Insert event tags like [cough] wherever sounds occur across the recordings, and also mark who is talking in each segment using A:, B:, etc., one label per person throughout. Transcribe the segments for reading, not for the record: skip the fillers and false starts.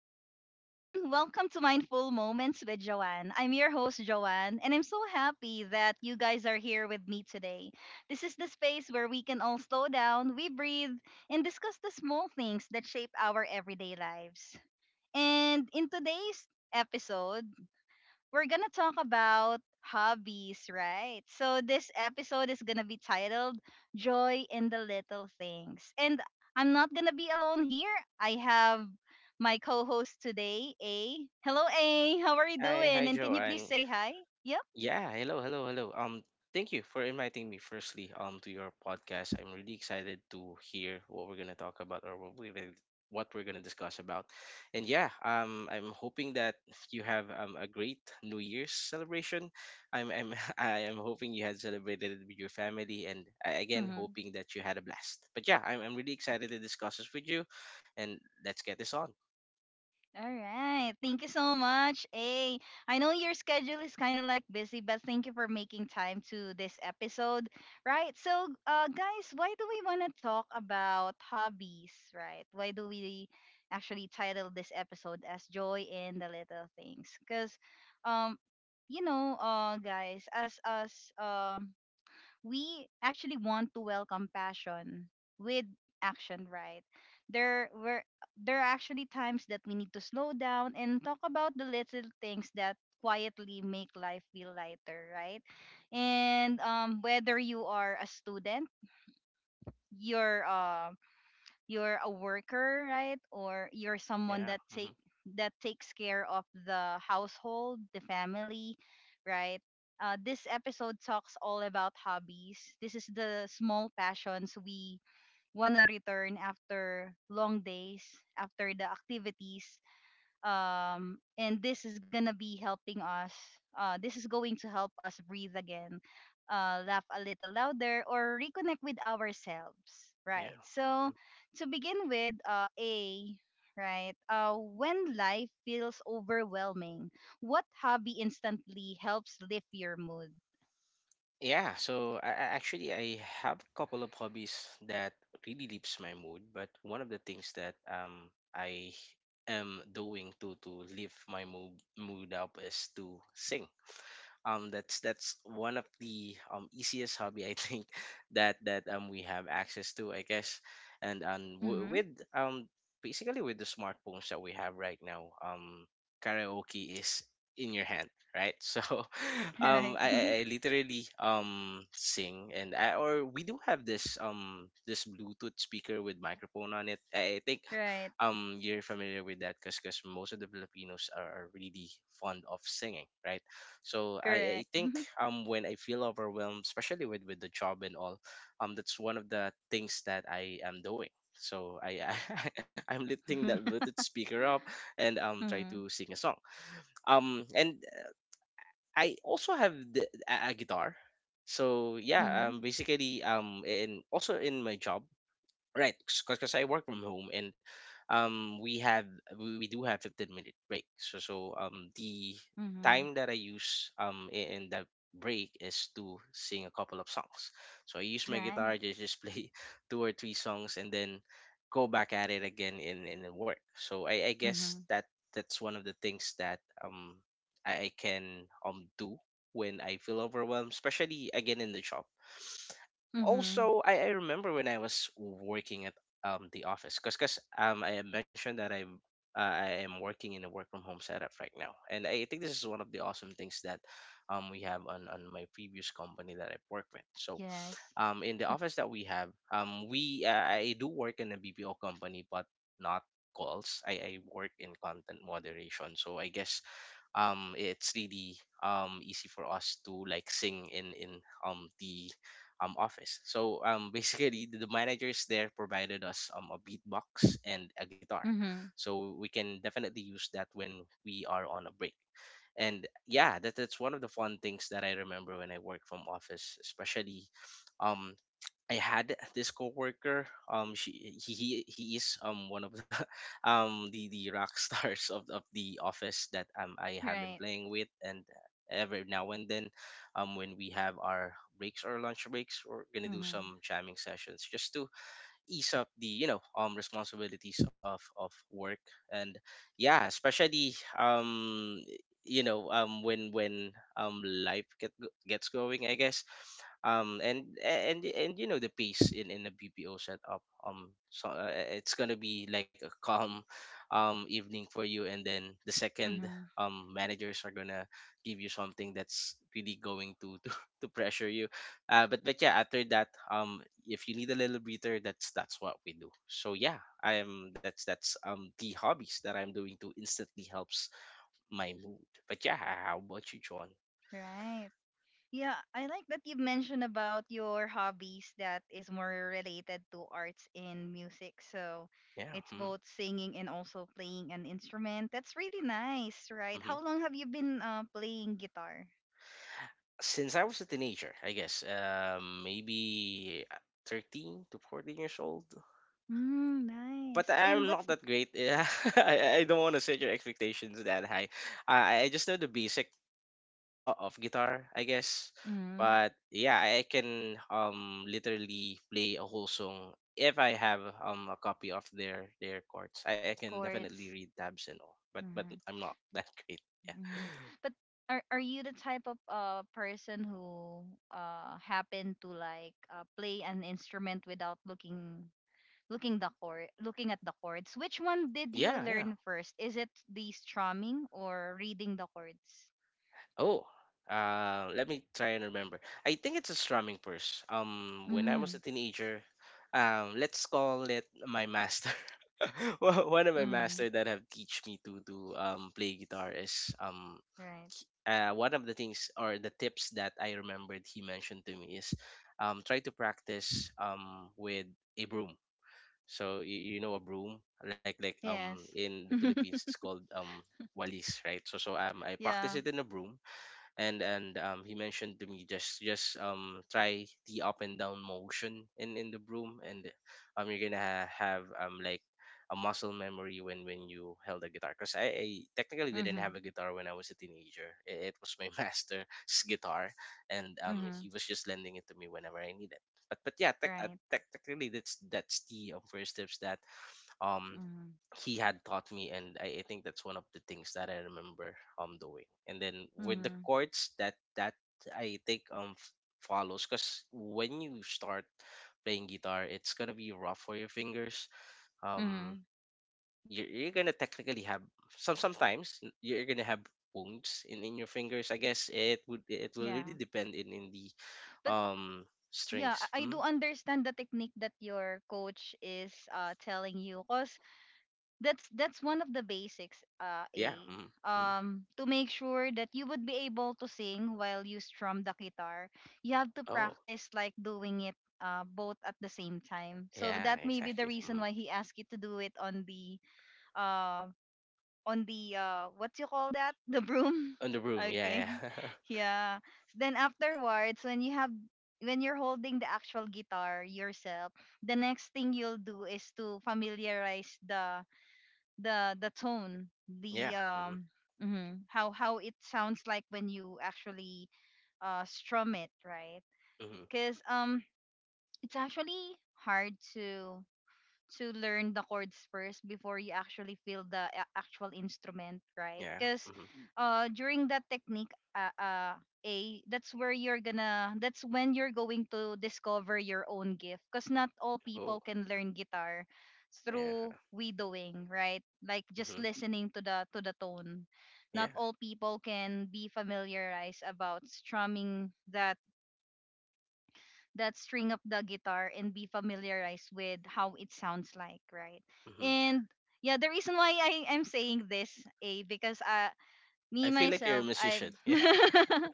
A: Hello, everyone. Welcome to Mindful Moments with Joanne. I'm your host, Joanne, and I'm so happy that you guys are here with me today. This is the space where we can all slow down, we breathe, and discuss the small things that shape our everyday lives. And in today's episode, we're gonna talk about hobbies, right? So this episode is gonna be titled Joy in the Little Things. And I'm not gonna be alone here. I have my co-host today, A. Hello, A. How are you
B: Hi,
A: doing?
B: hi,
A: And can you please
B: Joanne.
A: say hi? Yep.
B: Yeah, hello, hello, hello. Thank you for inviting me firstly to your podcast. I'm really excited to hear what we're gonna talk about or what we're gonna discuss about. And yeah, I'm hoping that you have a great New Year's celebration. I'm [laughs] I am hoping you had celebrated it with your family, and I, again
A: Mm-hmm.
B: hoping that you had a blast. But yeah, I'm really excited to discuss this with you, and let's get this on.
A: All right. Thank you so much. Hey, I know your schedule is kind of like busy, but thank you for making time to this episode. Right. So, guys, why do we want to talk about hobbies? Right. Why do we actually title this episode as Joy in the Little Things? Because, um, guys, as us, we actually want to welcome passion with action, right? There were there are actually times that we need to slow down and talk about the little things that quietly make life feel lighter, right? And whether you are a student, you're uh, you're a worker, right? Or you're someone
B: Yeah.
A: that
B: Hmm.
A: take that takes care of the household, the family, right? This episode talks all about hobbies. This is the small passions we wanna return after long days, after the activities, and this is going to help us breathe again, laugh a little louder, or reconnect with ourselves,
B: Yeah.
A: right? So,
B: Mm-hmm.
A: to begin with, A, right, when life feels overwhelming, what hobby instantly helps lift your mood?
B: Actually, I have a couple of hobbies that really lifts my mood, but one of the things that I am doing to lift my mood up is to sing, that's one of the easiest hobby I think [laughs] that we have access to, I guess. and and w-
A: Mm-hmm.
B: with um basically, with the smartphones that we have right now, karaoke is in your hand, right? [laughs] so
A: [laughs]
B: um
A: Right.
B: I, I
A: [laughs]
B: I literally sing, or we do have this this Bluetooth speaker with microphone on it. I think
A: Right.
B: you're familiar with that because most of the Filipinos are really fond of singing, right? So I
A: Correct.
B: think
A: [laughs]
B: when I feel overwhelmed, especially with the job and all, that's one of the things that I am doing. [laughs] I'm lifting that Bluetooth speaker up and try
A: Mm-hmm.
B: to sing a song. And I also have a guitar. So yeah,
A: Mm-hmm.
B: basically and also in my job. Right, because I work from home and um we have we do have 15-minute break. So the
A: Mm-hmm.
B: time that I use in that break is to sing a couple of songs. So I use my
A: Right.
B: guitar to just play [laughs] two or three songs and then go back at it again in the work. So I guess
A: Mm-hmm.
B: that that's one of the things that I can do when I feel overwhelmed, especially again in the shop.
A: Mm-hmm.
B: Also, I remember when I was working at the office, because I had mentioned that I am working in a work from home setup right now, and I think this is one of the awesome things that we have on my previous company that I worked with.
A: Yes.
B: In the office that we have, we I do work in a BPO company, but not calls. I work in content moderation, so I guess it's really easy for us to like sing in the office. So, [laughs] basically, the managers there provided us a beatbox and a guitar,
A: Mhm.
B: so we can definitely use that when we are on a break. And yeah, that's one of the fun things that I remember when I work from office, especially um I had this coworker. He is one of the [laughs] the rock [laughs] stars of the office that I have been
A: Right.
B: playing with, and every now and then, when we have our breaks or lunch breaks, we're gonna do
A: Mhm.
B: some jamming sessions just to ease up the responsibilities of work. And yeah, especially, you know when life gets going, I guess, and you know the pace in a BPO setup. It's gonna be like a calm [laughs] evening for you, and then the second
A: Mhm.
B: managers are gonna give you something that's really going [laughs] to pressure you. But yeah, after that, if you need a little breather, that's what we do. So yeah, I am that's the hobbies that I'm doing to instantly helps my mood. But yeah, how about you, John?
A: Right. Yeah, I like that you mentioned about your hobbies that is more related to arts and music. So
B: Yeah.
A: it's
B: Hmm.
A: both singing and also playing an instrument. That's really nice, right?
B: Mm-hmm.
A: How long have you been playing guitar?
B: Since I was a teenager, I guess, maybe 13 to 14 years old.
A: Mm,
B: But
A: nice. And
B: I'm
A: what's,
B: not that great. [laughs] I don't want to set your expectations that high. I just know the basic, of guitar, I guess.
A: mhm,
B: But yeah, I can literally play a whole song if I have a copy of their chords. I can definitely
A: chords?
B: read tabs and all, but I'm not [laughs] that great.
A: Mhm. But are you the type of person who happen to like, play an instrument without looking at the chords? Which one did you
B: Yeah.
A: learn first? Is it the strumming or reading the chords?
B: Oh, let me try and remember. I think it's a strumming purse. When I was
A: Mm-hmm.
B: a teenager, let's call it my master. [laughs] One of my
A: Mm-hmm.
B: master that have teach me to play guitar is,
A: Right.
B: one of the things or the tips that I remembered he mentioned to me is, try to practice, with a broom. So you know a broom, like,
A: Yes.
B: in the Philippines it's called walis, right? So I practice
A: Yeah.
B: it in a broom, and he mentioned to me, just try the up and down motion in the broom, and you're gonna have like a muscle memory when you held a guitar, because I technically didn't have
A: Mm-hmm.
B: a guitar when I was a teenager. It was my [laughs] master's guitar, and
A: Mm-hmm.
B: he was just lending it to me whenever I needed. But yeah,
A: Right.
B: technically, that's the, first steps that um
A: Mm-hmm.
B: he had taught me, and I think that's one of the things that I remember doing. And then with the
A: Mm-hmm.
B: chords that I think follows, because when you start playing guitar, it's gonna be rough for your fingers. um
A: Mm-hmm.
B: you're, you're gonna technically have, sometimes you're gonna have wounds in your fingers. I guess it would, it will really
A: Yeah.
B: depend in the
A: But
B: um
A: yeah,
B: strings.
A: I do
B: Mm.
A: understand the technique that your coach is telling you, cause that's one of the basics,
B: Yeah.
A: A,
B: Mm-hmm. Mm-hmm.
A: to make sure that you would be able to sing while you strum the guitar. You have to
B: Oh.
A: practice like doing it, both at the same time, so
B: Yeah,
A: that may be the
B: exactly.
A: reason
B: Mm.
A: why he asked you to do it on the, uh on the, what you call that, the broom.
B: On the
A: [laughs]
B: room.
A: Okay.
B: Yeah, yeah. [laughs]
A: [laughs] Yeah. Then afterwards, when you have when you're holding the actual guitar yourself, the next thing you'll do is to familiarize the tone,
B: Yeah. Mm-hmm.
A: how it sounds like when you actually strum it, right?
B: Mm-hmm.
A: Because, it's actually hard to learn the chords first before you actually feel the actual instrument, right?
B: Yeah.
A: Because,
B: Mm-hmm.
A: during that technique, A, that's when you're going to discover your own gift. Because not all people
B: Oh.
A: can learn guitar through
B: Yeah.
A: widowing, right? Like, just
B: Mm-hmm.
A: listening to the tone. Not
B: Yeah.
A: all people can be familiarized about strumming that string of the guitar and be familiarized with how it sounds like, right?
B: Mm-hmm.
A: And yeah, the reason why I am saying this, A, because,
B: I
A: me
B: feel like you're a
A: myself,
B: musician. [laughs] Yeah.
A: [laughs]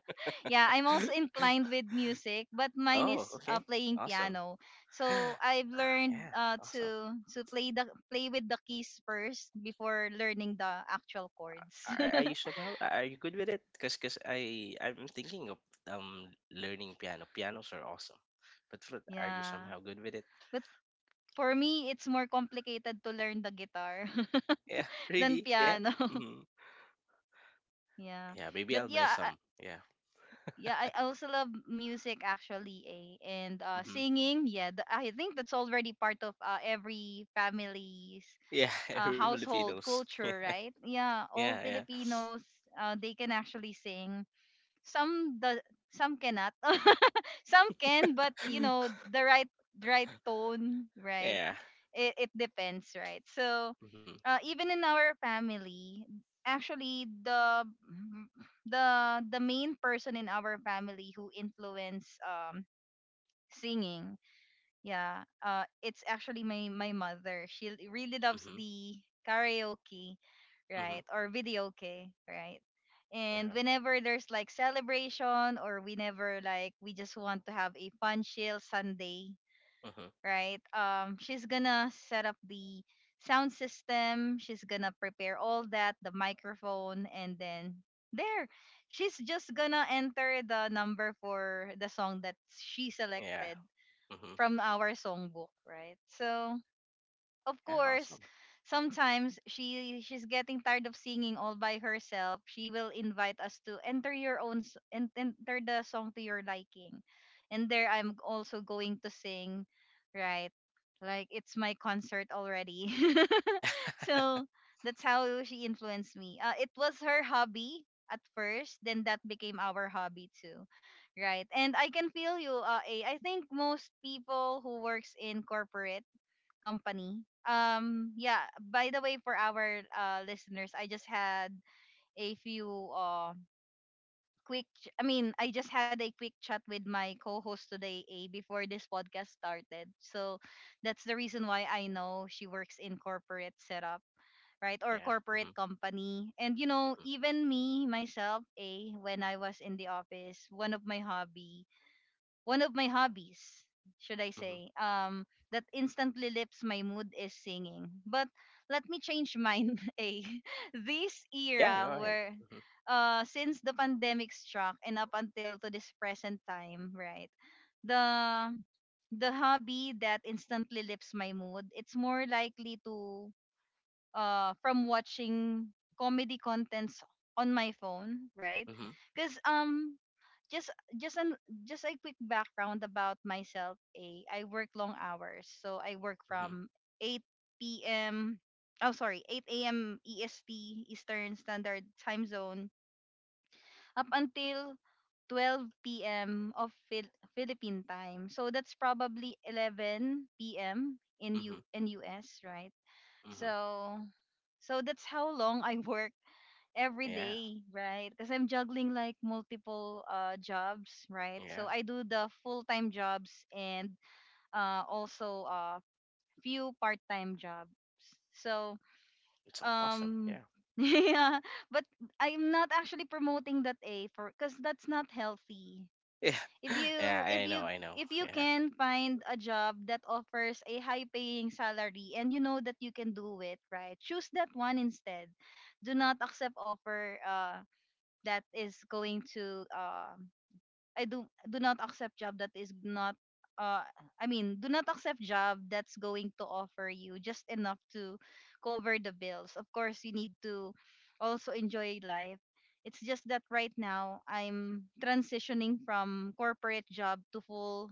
A: yeah, I'm also inclined
B: [laughs]
A: with music, but mine
B: Oh.
A: is,
B: Okay.
A: playing
B: Awesome.
A: piano. So
B: [sighs]
A: I've
B: Ah,
A: learned,
B: yeah. Awesome.
A: to play, the play with the keys first before learning the actual chords.
B: Are you somehow? Are you good with it? Cause cause I'm thinking of learning piano. Pianos are awesome, but
A: [laughs]
B: flute. Are you
A: Yeah,
B: somehow good with it?
A: but for me, it's more complicated to learn the guitar
B: Yeah. [laughs]
A: [laughs] than
B: Really? Yeah.
A: piano.
B: Mm-hmm.
A: Yeah.
B: Yeah. Maybe
A: But
B: I'll buy
A: yeah,
B: some. Yeah.
A: yeah, I also love music, actually, eh? And
B: Mm-hmm.
A: singing, yeah, I think that's already part of, every family's,
B: Yeah. [laughs] Every
A: household
B: Filipinos.
A: culture,
B: Yeah.
A: right? Yeah,
B: Yeah.
A: all
B: Yeah.
A: Filipinos, they can actually sing. Some the some cannot. [laughs] Some can, but,
B: [laughs]
A: the right tone, right?
B: Yeah.
A: It depends, right? So,
B: Mm-hmm.
A: even in our family, actually the main person in our family who influenced, singing, yeah, it's actually my mother. She really loves
B: Mm-hmm.
A: the karaoke,
B: Mm-hmm.
A: right, or videoke, right.
B: Yeah.
A: And whenever there's like celebration, or whenever like we just want to have a fun chill Sunday,
B: Hmm.
A: right? She's gonna set up the sound system. She's gonna prepare all that, the microphone, and then, there, she's just gonna enter the number for the song that she
B: Yeah.
A: selected
B: Hmm.
A: from our songbook, right? So of
B: Yeah.
A: course,
B: Awesome.
A: sometimes she's getting tired of singing all by herself. She will invite us to enter your own, enter the song to your liking. And there, I'm also going to sing, right? Like it's my concert already. [laughs]
B: Yeah. [laughs]
A: So that's how she influenced me. It was her hobby at first, then that became our hobby too, right? And I can feel you, A. I think most people who works in corporate company. Yeah, by the way, for our listeners, I just had a few uh quick ch- I mean, I just had a quick chat with my co-host today, A, before this podcast started. So that's the reason why I know she works in corporate setup, right?
B: Yeah.
A: Or
B: Hmm.
A: corporate company. And you know,
B: Hmm.
A: even me myself, A, when I was in the office, one of my hobbies, should I
B: Hmm.
A: say, that instantly lifts my mood is singing. But let me change mine. [laughs] A, this
B: Yeah, go
A: era
B: ahead.
A: where,
B: Mhm.
A: since the pandemic struck and up until to this present time, right? The the hobby that instantly lifts my mood, it's more likely, to from watching comedy contents on my phone, right?
B: Mhm.
A: Because, just just an just a quick background about myself. A, I work long hours, so I work
B: Mhm.
A: from 8 p.m. Oh, sorry, 8 a.m. EST, Eastern Standard Time Zone, up until 12 p.m. of Philippine time. So that's probably 11 p.m. in U
B: Mhm.
A: in US, right?
B: Mhm.
A: So so that's how long I [laughs] work every
B: Yeah.
A: day, right? Because I'm juggling like multiple, jobs, right?
B: Yeah.
A: So I do the full time jobs and, also a, few part time jobs. So,
B: It's awesome. Yeah.
A: um, [laughs] yeah, but I'm not actually promoting that, A, for because that's not healthy.
B: Yeah.
A: If
B: [laughs]
A: you
B: Yeah,
A: if
B: I know.
A: you
B: I know.
A: if you
B: Yeah.
A: can find a job that offers a high paying salary and you know that you can do it, right? Choose that one instead. Do not accept offer. That is going to, I do not accept job that is not, uh I mean, do not accept job that's going to offer you just enough to cover the bills. Of course, you need to also enjoy life. It's just that right now I'm transitioning from corporate job to full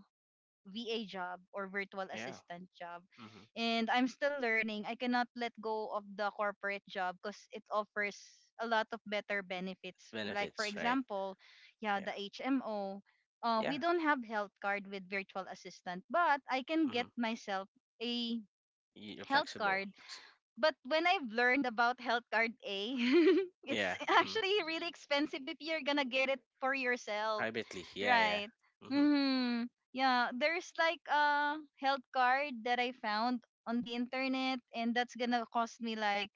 A: VA job, or virtual
B: Yeah.
A: assistant job.
B: Mhm.
A: And I'm still learning. I cannot let go of the corporate job because it offers a lot of better
B: It's
A: benefits. Like, for
B: benefits, right?
A: example, yeah,
B: Yeah.
A: the HMO. We
B: Yeah.
A: don't have health card with virtual assistant, but I can get
B: Mhm.
A: myself a
B: You're
A: health
B: flexible.
A: card.
B: S-.
A: But when I've learned about health card, A, [laughs] it's
B: Yeah. Mhm.
A: actually really expensive if you're gonna get it for yourself,
B: Privately. Yeah. Yeah.
A: right?
B: Mhm.
A: Hmm. Yeah, there's like a health card that I found on the internet, and that's gonna cost me like,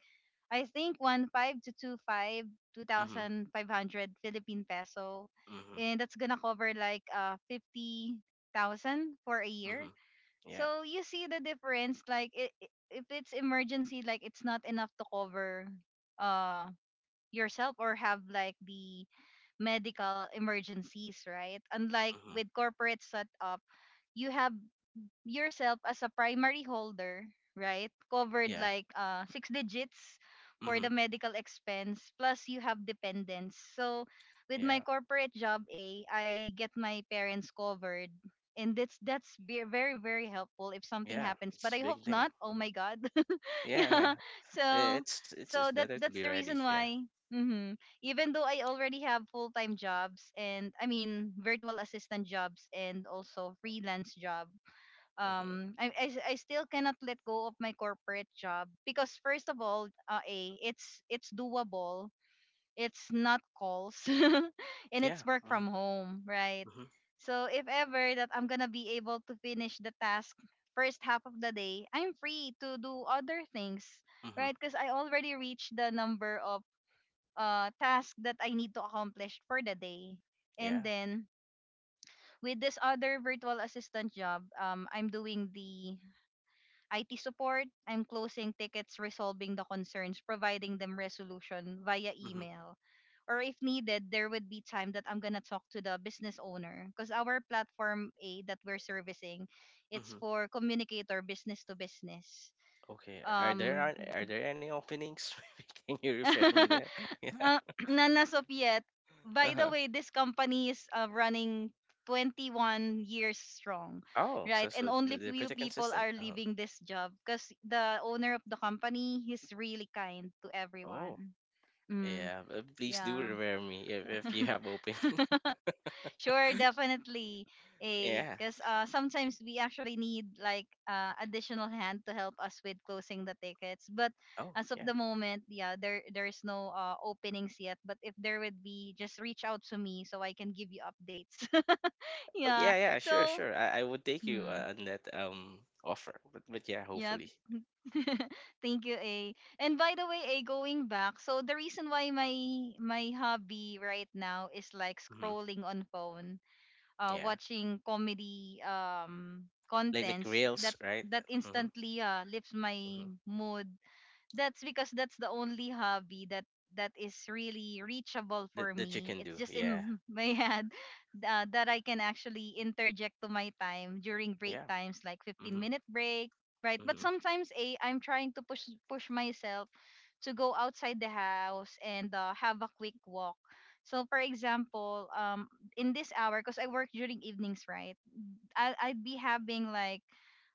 A: I think, one five to two five, two
B: Mhm.
A: thousand five hundred Philippine peso,
B: Mhm.
A: and that's gonna cover like, 50,000 for a year.
B: Mhm. Yeah.
A: So you see the difference, like, I if it's emergency, like, it's not enough to cover, uh yourself, or have like the medical emergencies, right? Unlike
B: Mhm.
A: with corporate setup, you have yourself as a primary holder, right? Covered
B: Yeah.
A: like, six digits
B: Mhm.
A: for the medical expense, plus you have dependents. So with my
B: Yeah.
A: corporate job, A, I get my parents covered. And that's very very helpful if something
B: Yeah.
A: happens, but
B: It's
A: I
B: a
A: hope
B: big thing.
A: not. Oh
B: Mhm.
A: my god, [laughs]
B: Yeah. Yeah.
A: yeah.
B: I-
A: So
B: It's it's it's better to be
A: that's the
B: ready.
A: reason
B: Yeah.
A: why. Even though I already have full time jobs, and I mean virtual assistant jobs and also freelance job,
B: Uh-huh.
A: I still cannot let go of my corporate job because first of all, a it's doable. It's not calls [laughs] and it's
B: Yeah.
A: work
B: Mm-hmm.
A: from home, right?
B: Mm-hmm.
A: So if ever that I'm gonna be able to finish the task first half of the day, I'm free to do other things,
B: Mm-hmm.
A: right? Because I already reached the number of tasks that I need to accomplish for the day. And
B: Yeah.
A: then with this other virtual assistant job, I'm doing the IT support. I'm closing tickets, resolving the concerns, providing them resolution via
B: Mm-hmm.
A: email. Or if needed, there would be time that I'm gonna talk to the business owner because our platform A that we're servicing,
B: Mm-hmm.
A: it's for communicator business to business.
B: Okay. Are there
A: Um,
B: are, are there any openings? [laughs] Maybe can you refer me there?
A: [laughs]
B: [laughs] Yeah.
A: uh, [clears throat] none as of yet. By the
B: Uh-huh.
A: way, this company is running 21 years strong,
B: Oh, so
A: right? And only
B: they're
A: few
B: pretty
A: people
B: consistent.
A: are
B: Uh-huh.
A: leaving this job because the owner of the company is really kind to
B: Oh.
A: everyone. Mm,
B: Yeah. Please do
A: yeah.
B: refer me if you have opening.
A: Sure, definitely.
B: [laughs]
A: A
B: Yeah.
A: because sometimes we actually need like additional hand to help us with closing the tickets. But
B: Oh,
A: as of
B: yeah.
A: the moment, yeah, there's no openings yet. But if there would be, just reach out to me so I can give you updates. [laughs]
B: Oh,
A: Yeah.
B: yeah, yeah.
A: So
B: Sure, sure. I would take you,
A: hmm,
B: on that offer. But yeah,
A: yeah.
B: hopefully.
A: [laughs] Thank you, A. And by the way, A, going back, so the reason why my hobby right now is like
B: Mm-hmm.
A: scrolling on phone,
B: Yeah.
A: watching comedy
B: Like
A: contents
B: rails,
A: that
B: right? Mm-hmm.
A: instantly lifts my
B: Mm-hmm.
A: mood, that's because that's the only hobby that is really reachable
B: That
A: for
B: that you
A: me.
B: can
A: It's
B: do.
A: just
B: Yeah.
A: in [laughs] my head, that I can actually interject to my time during break
B: Yeah.
A: times, like 15
B: Mhm.
A: minute break, right? But
B: Mhm.
A: sometimes a I'm trying to push myself to go outside the house and, have a quick walk. So for example, in this hour, because I work during evenings, right? I, I'd be having like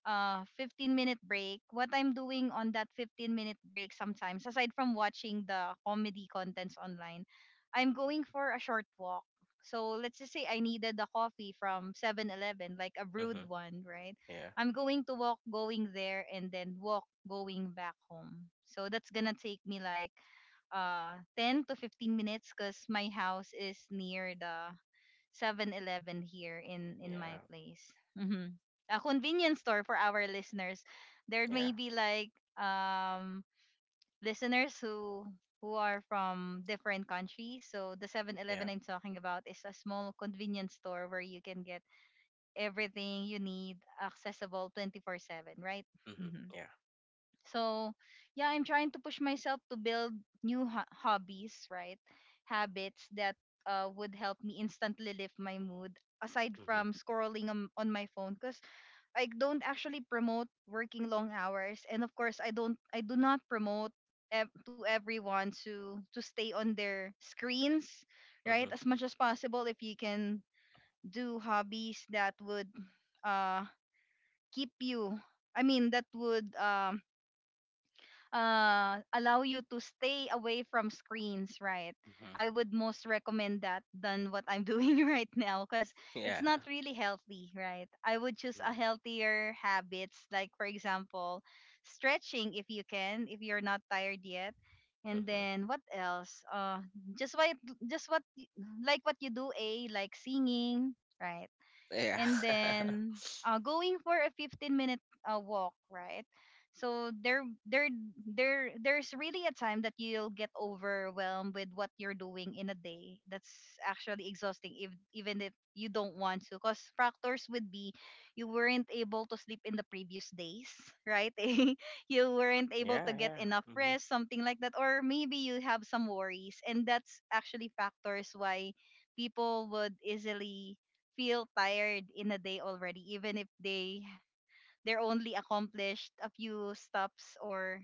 A: 15-minute break. What I'm doing on that 15-minute break sometimes, aside from watching the comedy contents online, I'm going
B: Mhm.
A: for a short walk. So let's just say I needed a coffee from 7-Eleven, like a brewed
B: Mhm.
A: one, right?
B: Yeah.
A: I'm going to walk going there and then walk going back home. So that's gonna take me like 10 to 15 minutes because my house is near the 7-Eleven here in my
B: Yeah.
A: place. A convenience store for our listeners. There may
B: Yeah.
A: be like listeners who are from different countries. So the 7-Eleven
B: Yeah.
A: I'm talking about is a small convenience store where you can get everything you need, accessible 24/7, right?
B: Mhm. Yeah.
A: So, yeah, I'm trying to push myself to build new hobbies, right? Habits that, would help me instantly lift my mood aside
B: Mhm.
A: from scrolling on my phone, because I don't actually promote working long hours, and of course I do not promote to everyone to stay on their screens, right?
B: Mhm.
A: As much as possible, if you can do hobbies that would, uh keep you, I mean, that would allow you to stay away from screens, right?
B: Mhm.
A: I would most recommend that than what I'm [laughs] doing right now, because it's
B: Yeah.
A: not really healthy, right? I would choose a
B: Mhm.
A: healthier habits, like for example, stretching, if you can, if you're not tired yet. And
B: Mhm.
A: then what else? Just what, just what, y- like what you do, a like singing, right?
B: Yeah.
A: And
B: [laughs]
A: then, going for a 15 minute, walk, right? So there's really a time that you'll get overwhelmed with what you're doing in a day, that's actually exhausting, if even if you don't want to, because factors would be you weren't able to sleep in the previous days, right? [laughs] You weren't able to
B: Yeah.
A: get
B: Yeah.
A: enough
B: Mhm.
A: rest, something like that, or maybe you have some worries, and that's actually factors why people would easily feel tired in a day already, even if they're only accomplished a few stops or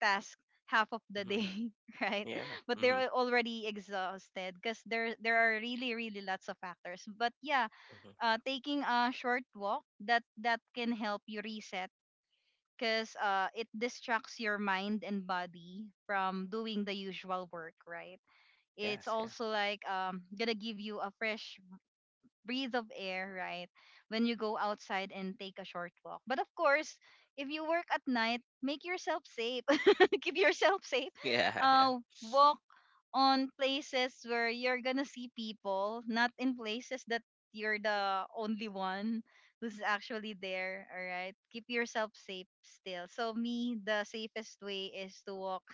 A: tasks half of the
B: Mhm.
A: day, [laughs] right?
B: Yeah.
A: But they're
B: Mhm.
A: already exhausted because there are really lots of factors. But yeah,
B: Mhm.
A: taking a short walk, that can help you reset, because, it distracts your mind and body from doing the usual work, right? It's
B: Yes. Yeah.
A: also like gonna give you a fresh breathe of air, right? When you go outside and take a short walk. But of course, if you work at night, make yourself safe. [laughs] Keep yourself safe.
B: [laughs] Yeah. Yeah.
A: Walk on places where you're gonna see people, not in places that you're the only one who's actually there. All right. Keep yourself safe still. So me, the safest way is to walk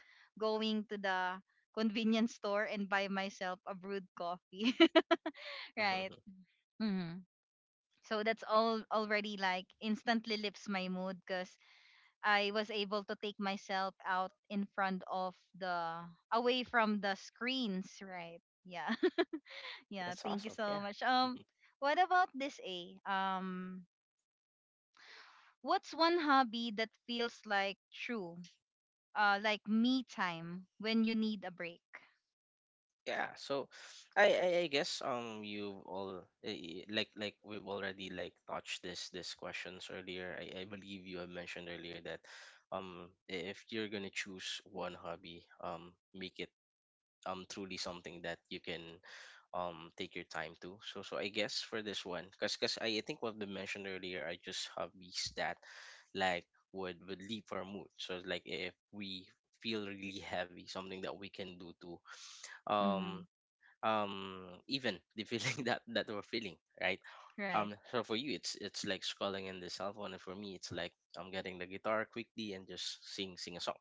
A: going to the convenience store and buy myself a brewed coffee. [laughs] Right.
B: Mhm.
A: Hmm. So that's all already like instantly lifts my mood because I was able to take myself out in front of the, away from the screens, right? Yeah. [laughs] Yeah,
B: That's
A: thank you
B: awesome.
A: so
B: Yeah.
A: much. What about this, A? What's one hobby that feels like true? Like me time when you need a break.
B: Yeah, so I guess like we've already like touched this questions earlier. I believe you have mentioned earlier that if you're gonna choose one hobby, make it truly something that you can take your time to. So I guess for this one, because I think what we mentioned earlier are just hobbies that like would lift our mood. So like if we feel really heavy, something that we can do to um
A: Mhm.
B: um even the feeling [laughs] that we're feeling right.
A: Right.
B: So for you it's like scrolling in the cell phone, and for me it's like I'm getting the guitar quickly and just sing a song.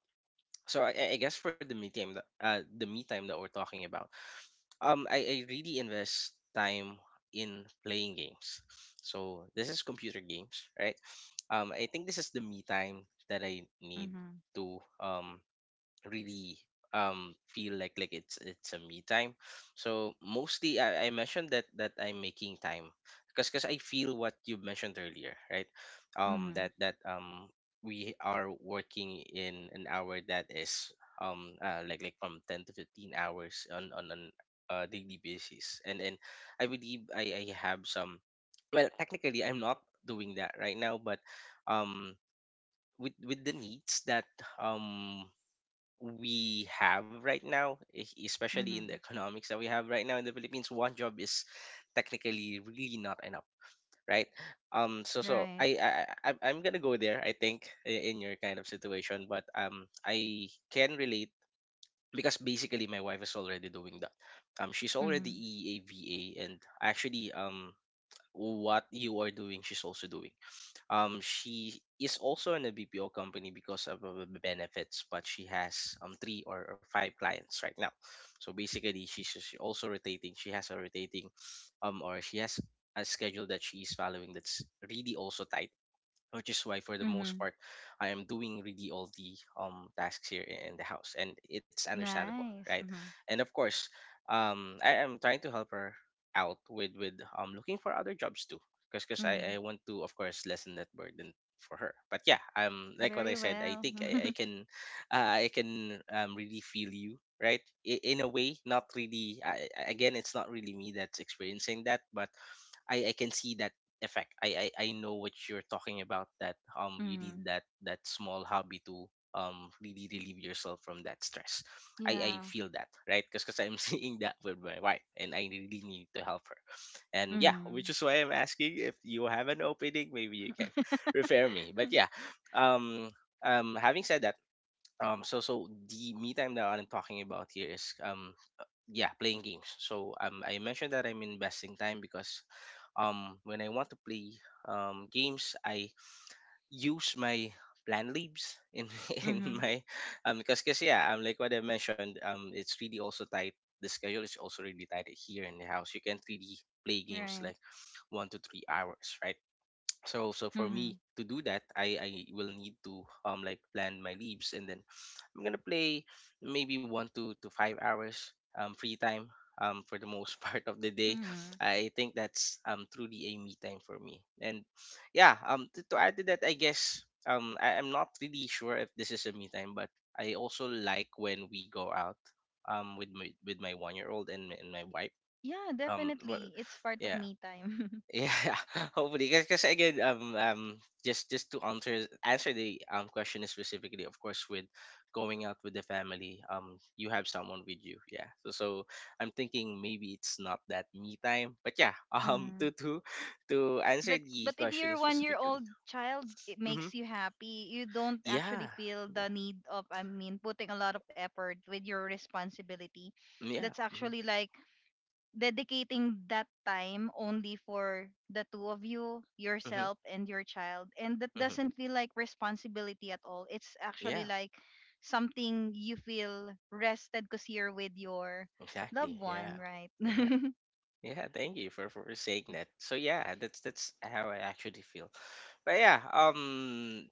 B: So I guess for the me time that the me time that we're talking about, I really invest time in playing games. So this is computer games, right? I think this is the me time that I need
A: Mhm.
B: to really feel like it's a me time. So mostly I mentioned that I'm making time because I feel what you mentioned earlier, right?
A: Mhm.
B: That that We are working in an hour that is like from 10 to 15 hours on an daily basis. And I believe I have some, well, technically I'm not doing that right now, but um with the needs that um we have right now, especially in the
A: Mhm.
B: economics that we have right now in the Philippines, one job is technically really not enough, right? Um, so so
A: Right.
B: I I I- I'm gonna go there. I think in your kind of situation, but I can relate because basically my wife is already doing that. She's already
A: Mhm.
B: EAVA, and actually what you are doing, she's also doing. She is also in a BPO company because of the benefits, but she has three or five clients right now. So basically, she's just also rotating. She has a rotating, or she has a schedule that she is following that's really also tight, which is why for the most
A: Mhm.
B: part I am doing really all the tasks here in the house, and it's understandable, right?
A: Nice. Mhm.
B: And of course I am trying to help her out with looking for other jobs too, because because I,
A: Mhm.
B: I want to of course lessen that burden for her. But yeah, like what I
A: Very
B: said, I
A: well.
B: think I
A: [laughs]
B: can I can really feel you, right? In a way. Not really. Again, it's not really me that's experiencing that, but I can see that effect. I, I know what you're talking about, that you need
A: Mhm.
B: that small hobby to really relieve yourself from that stress. I
A: Yeah.
B: feel that, right? Because I'm [laughs] seeing that with my wife, and I really need to help her. And yeah, which
A: Mhm.
B: is why I'm asking if you have an opening, maybe you can [laughs] refer me. But yeah, um having said that. So the me time that I'm talking about here is yeah, playing games. So I mentioned that I'm investing time because when I want to play games, I use my plant leaves in [laughs] in
A: Mhm.
B: my
A: [laughs]
B: yeah, like what I mentioned, it's really also tight. The schedule is also really tight here in the house. You can't really play games
A: Right.
B: like 1 to 3 hours, right? So so for me
A: Mhm.
B: to do that, I will need to like plant my leaves, and then I'm gonna play maybe one to 5 hours free time for the most [laughs] part of the day.
A: Mhm.
B: I think that's truly a me time for me. And yeah, to add to that, I guess I'm not really sure if this is a me time, but I also like when we go out with my 1 year old and my wife.
A: Yeah,
B: Well,
A: definitely. It's part of
B: yeah,
A: me time. [laughs]
B: yeah, [laughs] hopefully, because again, just to answer the question specifically, of course, with going out with the family, you have someone with you, yeah. So I'm thinking maybe it's not that me time, but yeah, [laughs] um, to
A: Mhm.
B: to to answer the
A: But if
B: question
A: your 1 year
B: specifically,
A: old child it
B: mm-hmm.
A: makes you happy, you don't
B: Yeah,
A: actually feel the need of, putting a lot of effort with your responsibility.
B: yeah,
A: That's
B: mm-hmm.
A: actually like dedicating that time only for the two of you,
B: Mm-hmm.
A: yourself, and your child. And that
B: Mm-hmm.
A: doesn't feel like responsibility at all. It's actually
B: Yeah,
A: like something you feel rested because you're with your
B: exactly,
A: loved
B: yeah,
A: one, right? [laughs]
B: yeah.
A: Mm-hmm.
B: Yeah, thank you for saying that. So yeah, that's how I actually feel. But yeah,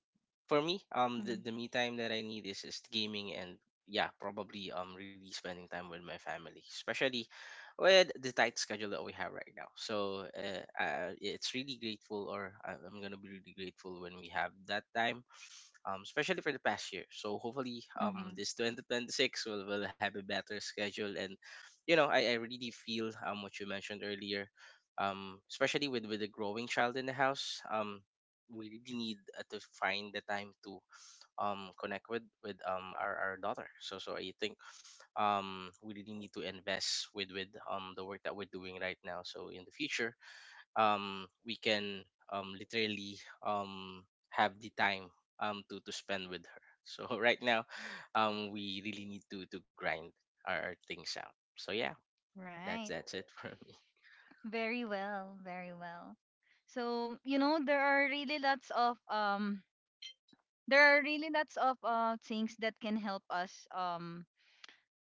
B: for me, the me time that I need is gaming and yeah, probably really spending time with my family, especially with the tight schedule that we have right now. So it's really grateful, or I'm gonna be really grateful when we have that time, especially for the past year. So hopefully, this 2026 will have a better schedule. And, you know, I really feel what you mentioned earlier, especially with a growing child in the house. We really need to find the time to connect with our daughter. So I think we really need to invest with the work that we're doing right now. So in the future, we can literally have the time to spend with her. So [laughs] right now, we really need to grind our things out. So yeah, that's
A: Right.
B: it for me. [laughs]
A: Very well. Very well. So, you know, there are really lots of things that can help us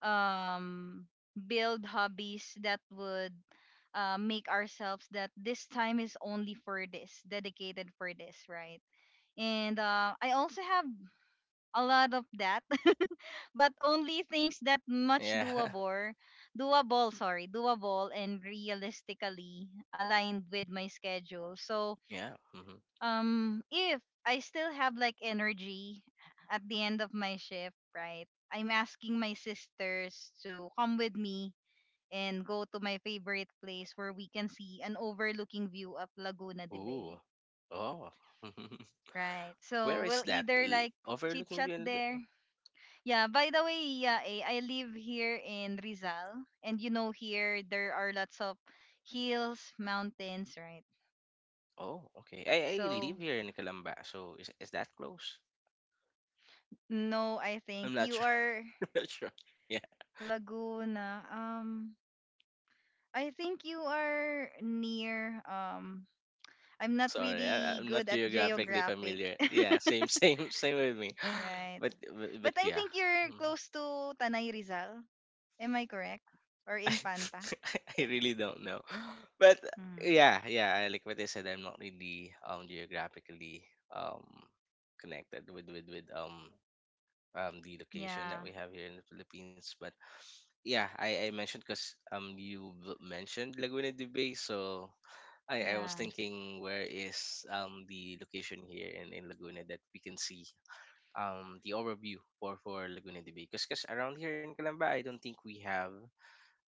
A: um, build hobbies that would, make ourselves that this time is only for this, dedicated for this, right? And I also have a lot of that, [laughs] but only things that much
B: Yeah,
A: doable, doable and realistically aligned with my schedule. So
B: [laughs] yeah. Mhm.
A: if I still have like energy at the end of my shift, right? I'm asking my sisters to come with me and go to my favorite place where we can see an overlooking view of Laguna de Bay.
B: Ooh, oh. [laughs]
A: Right. So
B: Where is
A: we'll
B: that?
A: either
B: L-
A: like chit
B: Overlooking
A: chat
B: Bion
A: there.
B: Laguna?
A: Yeah, by the way, yeah, I live here in Rizal, and you know here there are lots of hills, mountains, right?
B: Oh, okay. I
A: So
B: live here in Calamba, so is that close?
A: no, I
B: I'm
A: think
B: not
A: you
B: sure.
A: are
B: [laughs] I'm not sure. Yeah.
A: Laguna. I think you are near. I'm not
B: Sorry,
A: really
B: I'm not
A: good at
B: geographically
A: geographic.
B: familiar. Yeah, same,
A: [laughs]
B: same, [laughs] same with me. [gasps]
A: Right.
B: But
A: But I
B: yeah,
A: think you're
B: mhm.
A: close to Tanay Rizal. Am I correct? Or
B: [laughs] I,
A: Infanta?
B: I really don't know. [gasps] But
A: Mm.
B: yeah, yeah, I- like what I said, I'm not really geographically connected with the location that
A: Yeah.
B: we have here in the Philippines. But yeah, I mentioned because you v- mentioned Laguna de Bay, so I was
A: Yeah.
B: thinking where is the location here in Laguna that we can see the overview for Laguna de Bay, because around here in Calamba, I don't think we have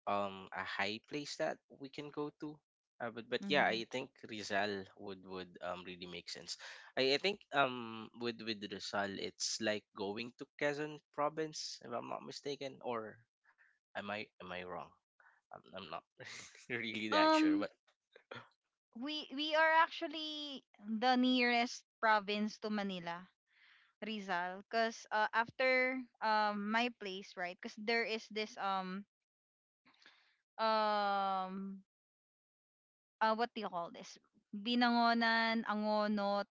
B: a high place that we can go to, but yeah,
A: hmm
B: I think Rizal would really make sense. I think with Rizal it's like going to Quezon province if I'm not mistaken, or am I wrong? I'm not [laughs] really that sure.
A: Um,
B: But
A: we are actually the nearest province to Manila, Rizal, because after my place, right? Because there is this um what do you call this? Binangonan, Angono,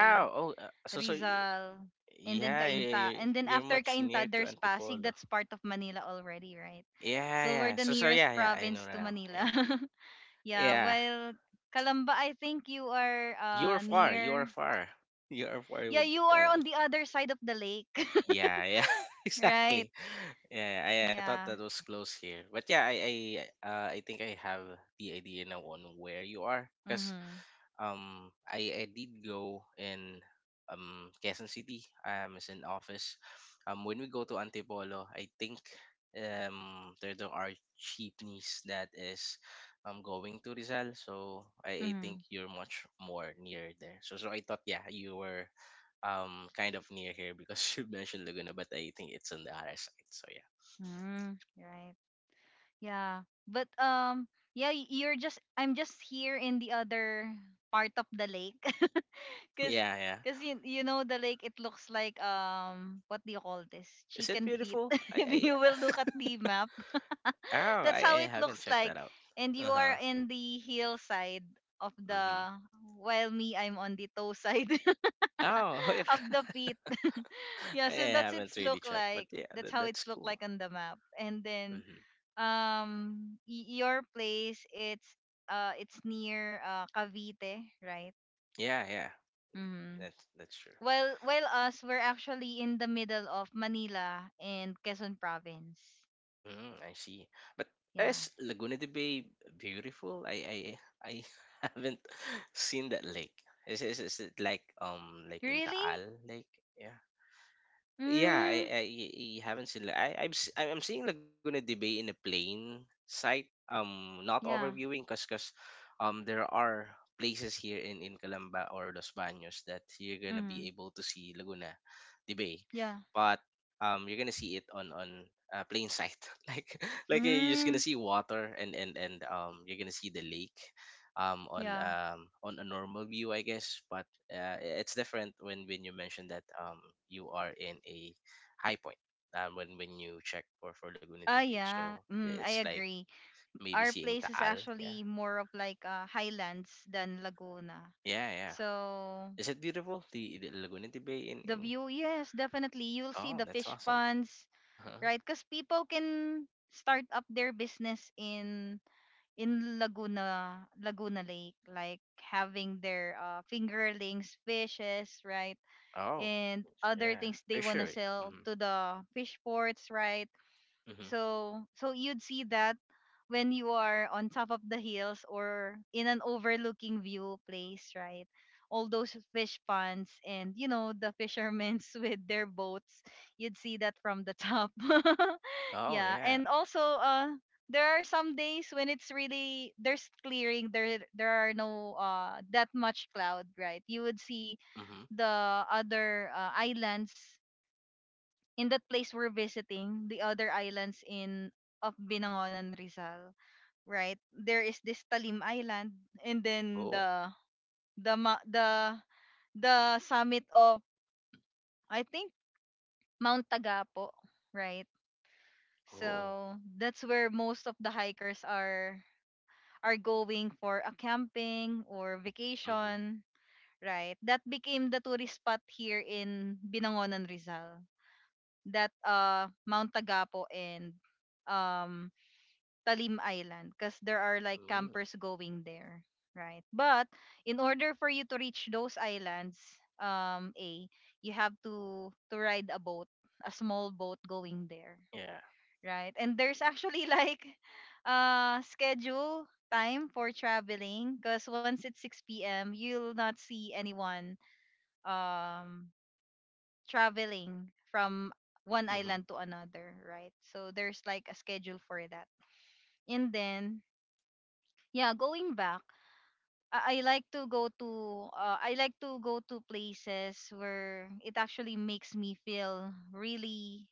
B: ow oh so so y-
A: Rizal, and then
B: yeah, yeah,
A: Kainta.
B: yeah,
A: And then
B: you're
A: after
B: much
A: Kainta,
B: near to
A: there's Pasig.
B: Antipolo.
A: That's part of Manila already, right?
B: Yeah,
A: So we're
B: yeah.
A: the
B: So, so
A: nearest
B: yeah, yeah, I know
A: province to
B: now.
A: Manila.
B: Yeah,
A: [laughs] Yeah.
B: yeah.
A: Well, Calamba, I think you are,
B: You are far. You are
A: near.
B: far. You are far
A: Yeah,
B: with.
A: you are on the other side of the lake, [laughs]
B: Yeah, yeah. [laughs]
A: right?
B: Exactly. Yeah, I thought
A: Yeah.
B: that was close here, but yeah, I think I have the idea now on where you are, because
A: Mm-hmm.
B: I did go in Quezon City. I is in office. When we go to Antipolo, I think there are jeepneys that is going to Rizal. So I think
A: Mm-hmm.
B: you're much more near there. So so I thought yeah, you were kind of near here because [laughs] you mentioned Laguna, but I think it's on the other side. So yeah.
A: Mm-hmm. Right. Yeah. But yeah, y- you're just I'm just here in the other part of the lake. [laughs]
B: [laughs]
A: Cause
B: Yeah, yeah.
A: Cause you know the lake it looks like what do you call this,
B: Is it
A: chicken feet,
B: beautiful?
A: [laughs]
B: I
A: if
B: I
A: you will look at the map.
B: [laughs]
A: [laughs]
B: oh,
A: That's
B: I
A: how it
B: haven't
A: looks
B: checked
A: like.
B: that out.
A: And you
B: Uh-huh.
A: are in the hillside of
B: Mm-hmm.
A: the, while me I'm on the toe side
B: Oh, [laughs] yeah.
A: [laughs] of the feet. [laughs] Yeah,
B: I
A: so
B: haven't really checked, but yeah,
A: that's
B: that,
A: how
B: that's
A: it's look
B: cool.
A: like on the map. And then
B: Hmm.
A: your place it's, it's near, Cavite, right?
B: Yeah, yeah,
A: Mm.
B: that's true.
A: While us we're actually in the middle of Manila and Quezon province.
B: Mm, I see. But
A: Yeah.
B: is Laguna de Bay beautiful? I [laughs] haven't seen that lake. Is it like in
A: Really?
B: Taal Lake? Yeah. Yeah,
A: Mm.
B: haven't seen. La- I, I'm s- I- I'm seeing Laguna de Bay in a plain sight. Not
A: Yeah.
B: overviewing, cause cause there are places here in Calamba or Los Baños that you're gonna be
A: Mm.
B: able to see Laguna de Bay,
A: Yeah.
B: but you're gonna see it on plain sight. [laughs] Like you're just gonna
A: Mm.
B: see water, and you're gonna see the lake,
A: Yeah.
B: on a normal view, I guess. But it's different when you mentioned that you are in a high point when you check for Laguna de
A: Ah
B: Bay.
A: yeah.
B: So
A: Mm,
B: it's
A: I
B: like
A: agree.
B: maybe
A: Our
B: seeing
A: place is
B: Taal. Yeah,
A: actually more of like, highlands than Laguna.
B: yeah, yeah.
A: So
B: Is it beautiful, the Laguna de Bay in
A: the
B: in?
A: view, yes, definitely. You'll see
B: Oh,
A: the
B: that's
A: fish
B: awesome. [laughs]
A: ponds,
B: Huh?
A: right? Because people can start up their business in Laguna, Laguna Lake, like having their, fingerlings, fishes, right,
B: Oh,
A: and other
B: yeah,
A: things they wanna
B: fishery.
A: sell
B: Mm-hmm.
A: to the fish ports, right?
B: Mm-hmm.
A: So so you'd see that when you are on top of the hills or in an overlooking view place, right? All those fish ponds, and you know the fishermen's [laughs] with their boats, you'd see that from the top. [laughs]
B: Oh
A: Yeah,
B: yeah.
A: and also there are some days when it's really, there's clearing, there are no that much cloud, right? You would see
B: Mm-hmm.
A: the other, islands in that place we're visiting, the other islands in of Binangonan, Rizal, right? There is this Talim Island, and then
B: Oh
A: the ma- the summit of, I think Mount Tagapo, right?
B: oh.
A: So that's where most of the hikers are going for a camping or
B: Mm-hmm.
A: vacation, right? That became the tourist spot here in Binangonan, Rizal. That Mount Tagapo and um Talim Island, because there are like
B: Mm.
A: campers going there, right? But in order for you to reach those islands, A, you have to ride a boat, a small boat going there,
B: Yeah.
A: right? And there's actually [laughs] like schedule time for traveling because once it's 6 p.m. you'll not see anyone um traveling from one
B: Mm-hmm.
A: island to another, right? So there's like a schedule for that. And then yeah, going back, I like to go to places where it actually makes me feel really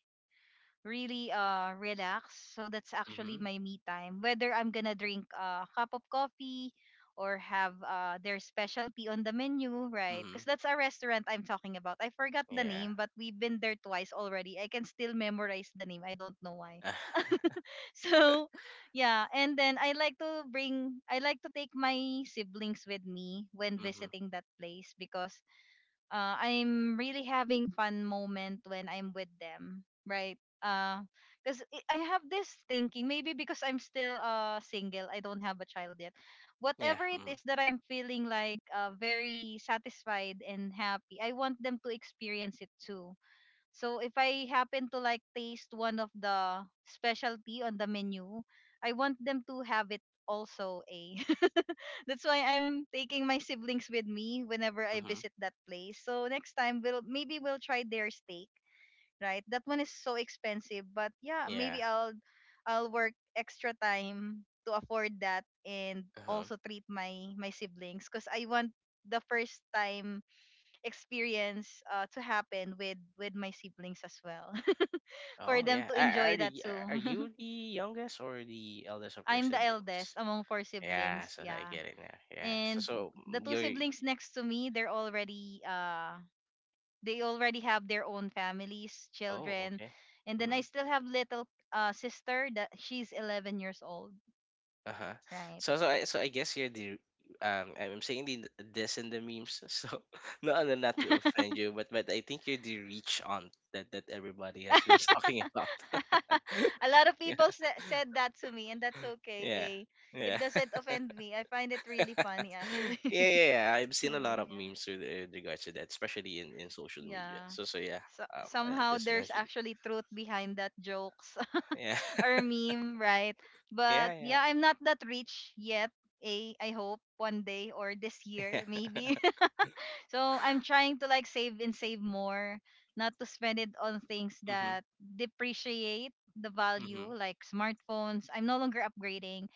A: really relaxed. So that's
B: Mm-hmm.
A: actually my me time, whether I'm gonna drink a cup of coffee or have their specialty on the menu, right?
B: Mm-hmm.
A: Because that's a restaurant I'm talking about. I forgot the
B: Yeah.
A: name, but we've been there twice already. I can still memorize the name. I don't know why.
B: [laughs]
A: So, [laughs] yeah, and then I like to take my siblings with me when
B: Mm-hmm.
A: visiting that place because I'm really having fun moment when I'm with them, right? Because I have this thinking, maybe because I'm still single, I don't have a child yet.
B: Yeah.
A: Whatever it
B: Mm-hmm.
A: is that I'm feeling like very satisfied and happy, I want them to experience it too. So if I happen to like taste one of the specialty on the menu, I want them to have it also, a. [laughs] That's why I'm taking my siblings with me whenever I
B: Mm-hmm.
A: visit that place. So next time, we'll maybe we'll try their steak, right? That one is so expensive, but yeah,
B: Yeah.
A: maybe I'll work extra time to afford that and
B: Uh-huh.
A: also treat my siblings because I want the first time experience to happen with my siblings as well. [laughs] for
B: Oh
A: them
B: yeah.
A: to enjoy
B: Are
A: that
B: you
A: too. [laughs]
B: the youngest or the eldest of your
A: I'm the
B: siblings?
A: eldest among four
B: Yeah,
A: siblings,
B: so I
A: yeah.
B: get it now. Yeah. So so
A: And the
B: mm,
A: two
B: you're
A: siblings next to me, they're already they already have their own families,
B: oh,
A: children.
B: okay.
A: And then
B: Hmm.
A: I still have little sister that she's 11 years old,
B: Uh-huh.
A: right?
B: So I guess you're the I'm saying this in the memes, [laughs] so not no, not to
A: [laughs]
B: offend you, but I think you're the rich aunt that everybody has been talking about.
A: A lot of
B: [laughs]
A: people
B: Yeah.
A: said that to me, and that's okay,
B: Yeah.
A: eh.
B: Yeah.
A: It doesn't
B: [laughs]
A: offend me. I find it really funny
B: [laughs]
A: actually.
B: Yeah, yeah, yeah. I've
A: [laughs]
B: seen a lot of
A: yeah.
B: memes with regards to that, especially in social media.
A: Yeah.
B: So, so yeah.
A: So,
B: I
A: somehow
B: just
A: there's
B: mentioned.
A: actually truth behind that jokes
B: Yeah,
A: [laughs] or
B: [laughs]
A: meme, right?
B: yeah,
A: But
B: yeah,
A: yeah, I'm not that rich yet. A, I hope one day or this
B: yeah.
A: year, maybe. So I'm trying to like save and save more, not to spend it on things
B: [laughs] Mhm,
A: that depreciate the value,
B: mhm.
A: like smartphones. I'm no longer upgrading.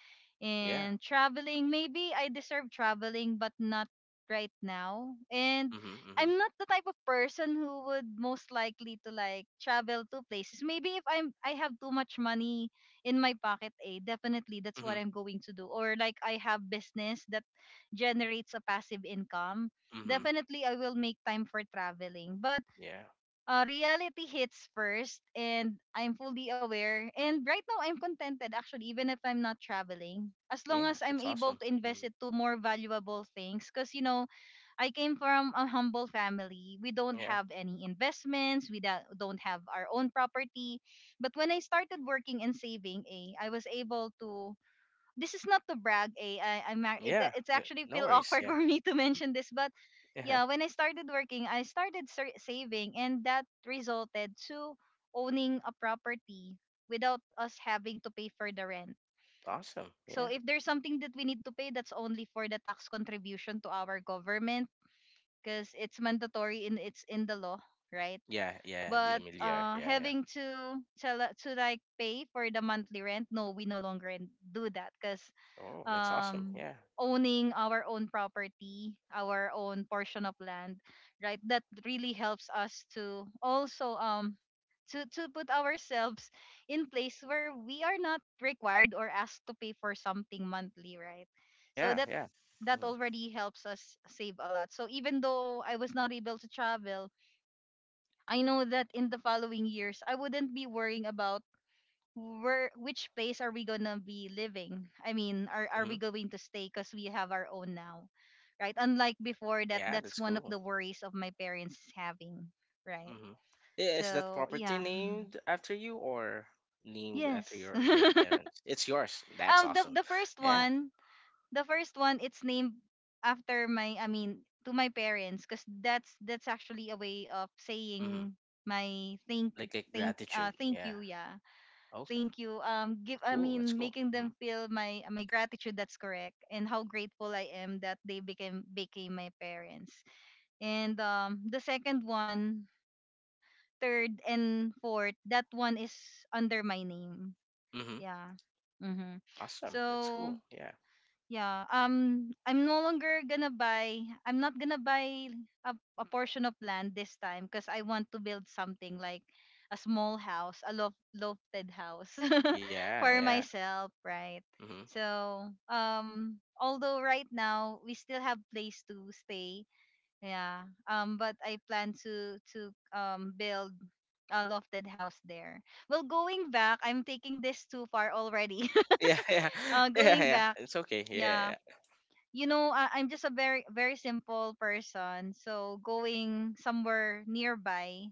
B: Yeah.
A: And traveling, maybe I deserve traveling, but not right now. And
B: Mhm, mhm,
A: I'm not the type of person who would most likely to like travel to places. Maybe if I have too much money in my pocket, eh, definitely that's
B: mhm,
A: what I'm going to do. Or like I have business that generates a passive income,
B: mhm.
A: definitely I will make time for traveling. But
B: Yeah,
A: reality hits first, and I'm fully aware. And right now, I'm contented actually, even if I'm not traveling, as long
B: yeah.
A: as I'm
B: That's
A: able
B: awesome.
A: to invest
B: Mm,
A: it to more valuable things. Because, you know, I came from a humble family. We don't
B: yeah,
A: have any investments, we don't have our own property. But when I started working and saving, eh, I was able to . This is not to brag. Eh? It,
B: yeah.
A: it's
B: Yeah,
A: actually
B: no
A: feel
B: worries.
A: awkward [laughs] for
B: Yeah,
A: me to mention this, but
B: yeah.
A: yeah, when I started working, I started saving, and that resulted to owning a property without us having to pay for the rent.
B: Awesome.
A: So
B: Yeah,
A: if there's something that we need to pay, that's only for the tax contribution to our government because it's mandatory in it's in the law, right?
B: yeah, yeah. The
A: But
B: Emiliar. Yeah, yeah.
A: having to tell to like pay for the monthly rent, no, we no longer do that because
B: Oh, that's awesome.
A: um
B: Yeah,
A: owning our own property, our own portion of land, right, that really helps us to also to put ourselves in place where we are not required or asked to pay for something monthly, right? So
B: yeah,
A: that
B: yeah.
A: that
B: Mhm.
A: already helps us save a lot. So even though I was not able to travel, I know that in the following years, I wouldn't be worrying about where . Which place are we gonna be living? I mean,
B: Mhm.
A: are we going to stay, because we have our own now, right? Unlike before, that
B: Yeah,
A: that's
B: that's
A: one of
B: cool.
A: the worries of my parents having, right?
B: Mhm. Is that
A: So
B: property
A: yeah,
B: named after you or named after
A: yes. [laughs]
B: your parents? It's yours. That's
A: Um,
B: awesome. Yeah.
A: the first one, it's named after my, I mean, to my parents, because that's actually a way of
B: Hmm.
A: saying my thank
B: Like
A: thank uh
B: gratitude.
A: thank
B: Yeah.
A: you, yeah,
B: Okay.
A: thank you. Give I
B: Cool. That's
A: mean
B: cool.
A: making
B: Hmm.
A: them feel my gratitude. That's correct, and how grateful I am that they became my parents. And the second one, third and fourth, that one is under my name.
B: Hmm.
A: Yeah. Mm-hmm.
B: Awesome. That's
A: So
B: cool. Yeah.
A: yeah. I'm no longer gonna buy. I'm not gonna buy a portion of land this time because I want to build something like a small house, a lofted house. [laughs]
B: Yeah.
A: For
B: Yeah.
A: myself, right?
B: Hmm.
A: So, although right now we still have place to stay, yeah. But I plan to build a lofted house there. Well, going back, I'm taking this too far already.
B: Yeah. [laughs] Yeah.
A: [laughs]
B: Yeah.
A: Going
B: Yeah.
A: back.
B: It's okay. Yeah.
A: Yeah,
B: Yeah.
A: you know, I'm just a very simple person. So going somewhere nearby,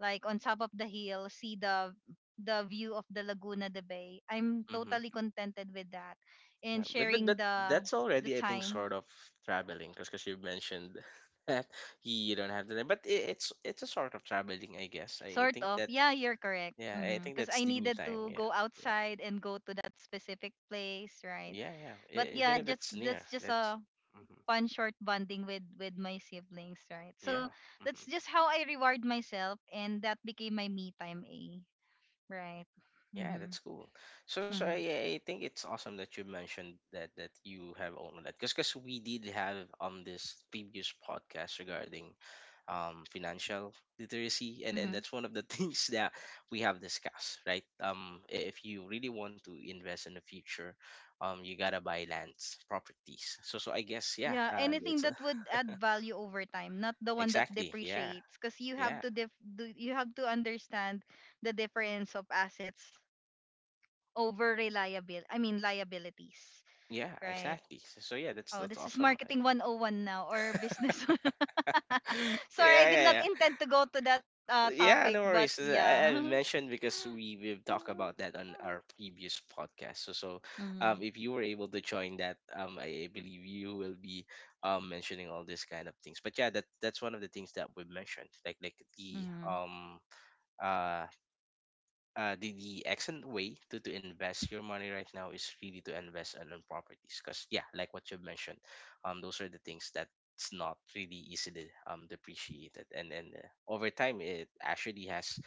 A: like on top of the hill, see the view of the Laguna de Bay. I'm
B: Hmm.
A: totally contented with that, and
B: Yeah. But, but
A: sharing
B: but that's
A: the
B: already, I think,
A: time.
B: sort of traveling, because you mentioned [laughs] that you don't have the name, but it's a sort of traveling, I guess. I
A: Sort
B: think
A: of,
B: that
A: yeah, you're correct.
B: Yeah, I think
A: Because
B: that's
A: I
B: the me
A: needed
B: time.
A: to
B: Yeah,
A: go
B: yeah,
A: outside and go to that specific place, right?
B: yeah, yeah.
A: But
B: Even
A: yeah,
B: if
A: just
B: it's near,
A: that's just
B: that's
A: a
B: hmm,
A: fun short bonding with my siblings, right?
B: yeah,
A: So
B: hmm,
A: that's just how I reward myself, and that became my me time, a right.
B: yeah,
A: Mm-hmm.
B: that's cool. So, so
A: Mm-hmm.
B: I, I think it's awesome that you mentioned that you have owned that because we did have this previous podcast regarding financial literacy, and
A: Hmm.
B: that's one of the [laughs] things that we have discussed, right? If you really want to invest in the future, you gotta buy lands, properties. So I guess, yeah,
A: Yeah, anything
B: it's. A.
A: that would add
B: [laughs]
A: value over time, not the one that
B: Exactly. Yeah.
A: depreciates, because you have
B: Yeah.
A: to you have to understand the difference of assets over reliable. I mean liabilities,
B: Yeah.
A: right?
B: Exactly. So yeah, that's
A: Oh, this is
B: awesome.
A: marketing 101 now or business. [laughs] [laughs]
B: [laughs] Yeah.
A: Sorry, I did
B: Yeah.
A: not
B: Yeah.
A: intend to go to that
B: Yeah.
A: topic,
B: No
A: but
B: worries. Uh,
A: yeah.
B: I, I
A: [laughs]
B: mentioned because we've talked about that on our previous podcast. So,
A: Mm-hmm.
B: if you were able to join that, I believe you will be mentioning all these kind of things. But yeah, that's one of the things that we mentioned. Like the
A: Mm-hmm.
B: uh the excellent way to invest your money right now is really to invest on properties, because yeah, like what you mentioned, those are the things that's not really easily depreciated, and then over time it actually has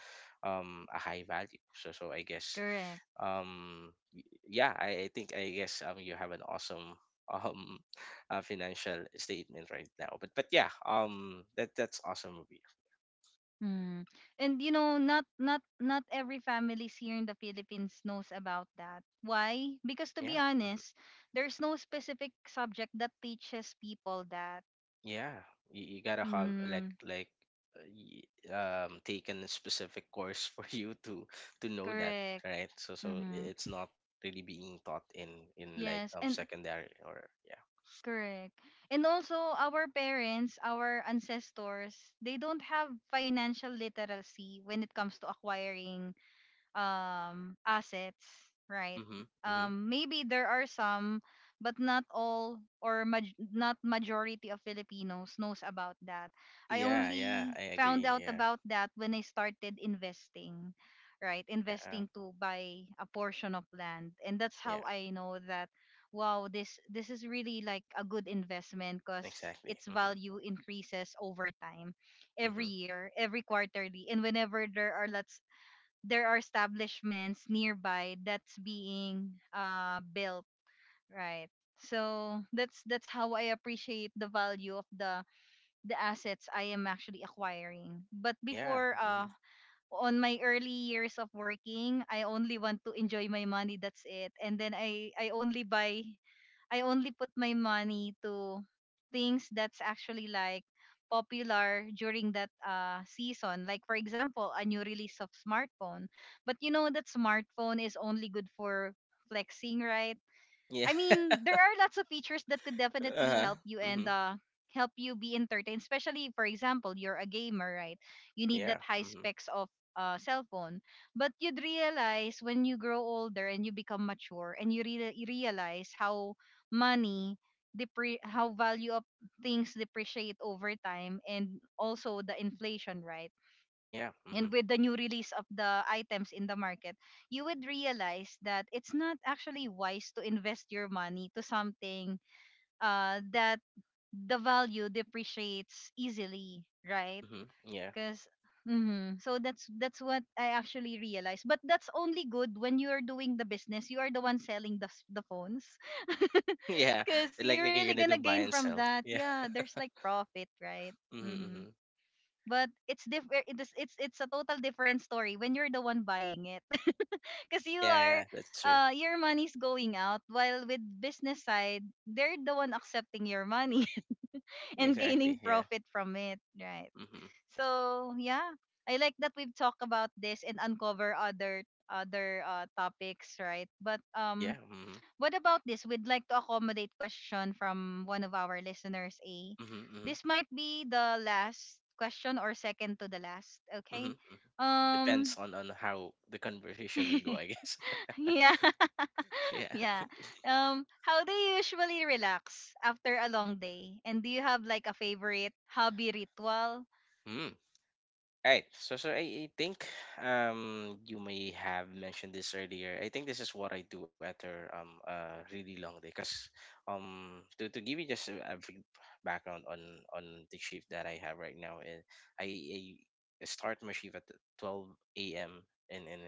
B: a high value. So I guess,
A: Correct.
B: um y- yeah, I think, I guess, you have an awesome [laughs] um financial statement right now, but yeah, that's awesome of
A: Mm. And you know, not every families here in the Philippines knows about that. Why? Because to be
B: yeah. Mm-hmm.
A: honest, there's no specific subject that teaches people that.
B: Yeah, you gotta have like
A: Mm.
B: like uh, y- um taken a specific course [laughs] for you to know that,
A: Correct.
B: right? So
A: Mm-hmm.
B: it's not really being taught in like
A: Yes, and
B: secondary or yeah.
A: correct. And also our parents, our ancestors, they don't have financial literacy when it comes to acquiring assets, right?
B: Mm-hmm. Mm-hmm.
A: Um, maybe there are some, but not all or not majority of Filipinos knows about that. I
B: Yeah, yeah,
A: only
B: I
A: found
B: agree.
A: out
B: Yeah,
A: about that when I started investing, right,
B: yeah,
A: investing to buy a portion of land, and that's
B: yeah,
A: how I know that wow, this is really like a good investment, cuz
B: exactly.
A: its
B: Mm-hmm.
A: value increases over time, every
B: Mm-hmm.
A: year, every quarterly, and whenever there are lots, there are establishments nearby that's being built, right? So that's how I appreciate the value of the assets I am actually acquiring. But
B: Yeah.
A: before
B: Mm-hmm.
A: on my early years of working, I only want to enjoy my money, that's it. And then I only buy I only put my money to things that's actually like popular during that season. Like for example, a new release of smartphone. But you know that smartphone is only good for flexing, right?
B: Yeah.
A: I
B: [laughs]
A: mean, there are lots of features that could definitely
B: Uh-huh.
A: help you
B: Mm-hmm.
A: and help you be entertained. Especially for example, you're a gamer, right? You need that
B: Yeah.
A: high
B: Mm-hmm.
A: specs of cell phone. But you'd realize when you grow older and you become mature and you realize how money depre how value of things depreciate over time, and also the inflation, right?
B: Yeah. Mm-hmm.
A: And with the new release of the items in the market, you would realize that it's not actually wise to invest your money to something that the value depreciates easily, right?
B: Mm-hmm. Yeah.
A: Because mm-hmm. So that's what I actually realized. But that's only good when you are doing the business. You are the one selling the the phones. [laughs]
B: [laughs] Yeah.
A: Because you're
B: Like
A: really
B: you're gonna
A: gonna
B: do
A: gain
B: buy and
A: from
B: sell.
A: that.
B: Yeah.
A: Yeah,
B: [laughs]
A: there's like profit, right?
B: Mm-hmm.
A: Mm-hmm.
B: Mm-hmm.
A: But it's different. It's a total different story when you're the one buying it. Because you
B: Yeah,
A: are
B: yeah, that's true.
A: your money's going out, while with business side, they're the one accepting your money [laughs] and
B: Exactly.
A: gaining
B: Yeah.
A: profit from it, right?
B: Hmm.
A: So yeah, I like that we've talked about this and uncover other topics, right? But
B: Yeah.
A: um,
B: Hmm.
A: what about this, we'd like to accommodate question from one of our listeners, a,
B: Hmm.
A: this might be the last question or second to the last,
B: Hmm.
A: okay?
B: Hmm. Depends
A: Um,
B: on how the conversation will go,
A: [laughs]
B: I guess.
A: yeah.
B: [laughs] Yeah.
A: Yeah. How do you usually relax after a long day? And do you have like a favorite hobby ritual?
B: Mm. Right. So I think you may have mentioned this earlier. I think this is what I do after a really long day. Cause to give you just a brief background on the shift that I have right now, and I start my shift at 12 a.m. in in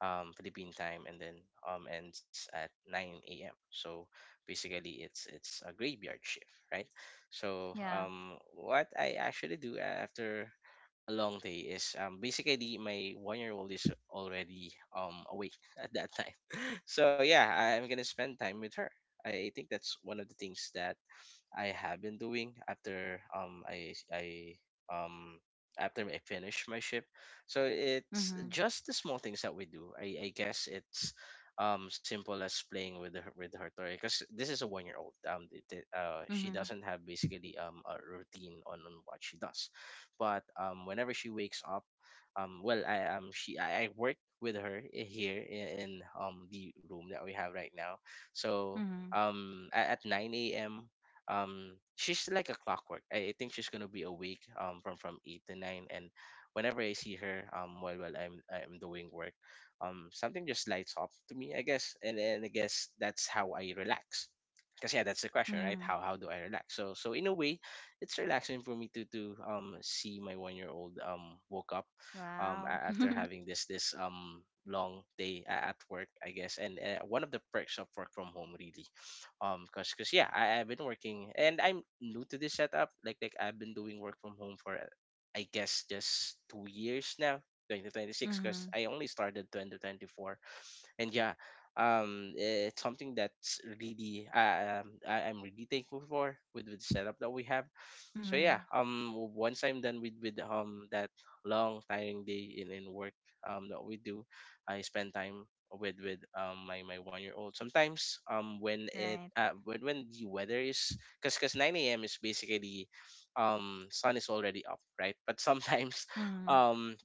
B: um Philippine time, and then ends at nine a.m. So basically, it's a graveyard shift, right? So
A: Yeah.
B: what I actually do after a long day is basically my 1-year old is already awake [laughs] at that time [laughs] so yeah, I'm gonna spend time with her. I think that's one of the things that I have been doing um after I finish my shift. So it's
A: Mhm.
B: just the small things that we do. I guess it's simple as playing with her toy, because this is a 1-year old. She
A: Mhm.
B: doesn't have basically a routine on what she does, but whenever she wakes up, well, I work with her here in the room that we have right now. So
A: Mhm.
B: at 9 a.m, she's like a clockwork. I think she's gonna be awake from 8 to 9, and whenever I see her while I'm doing work, something just lights up to me, I guess. And I guess that's how I relax, because yeah, that's the question, right?
A: Mhm.
B: How do I relax? So in a way, it's relaxing for me to see my 1-year old woke up
A: Wow.
B: after
A: [laughs]
B: having this long day at work, I guess. And one of the perks of work from home, really. Cause yeah, I've been working and I'm new to this setup. Like I've been doing work from home for I guess just 2 years now, 2026, because
A: Mhm.
B: I only started 2024. And yeah, it's something that's really I'm really thankful for, with the setup that we have. So yeah,
A: Mhm.
B: once I'm done with that long tiring day in work that we do, I spend time with my 1-year old. Sometimes when it
A: Right.
B: when the weather is... because 9 a.m is basically, sun is already up, right? But sometimes [laughs]
A: Mhm.
B: um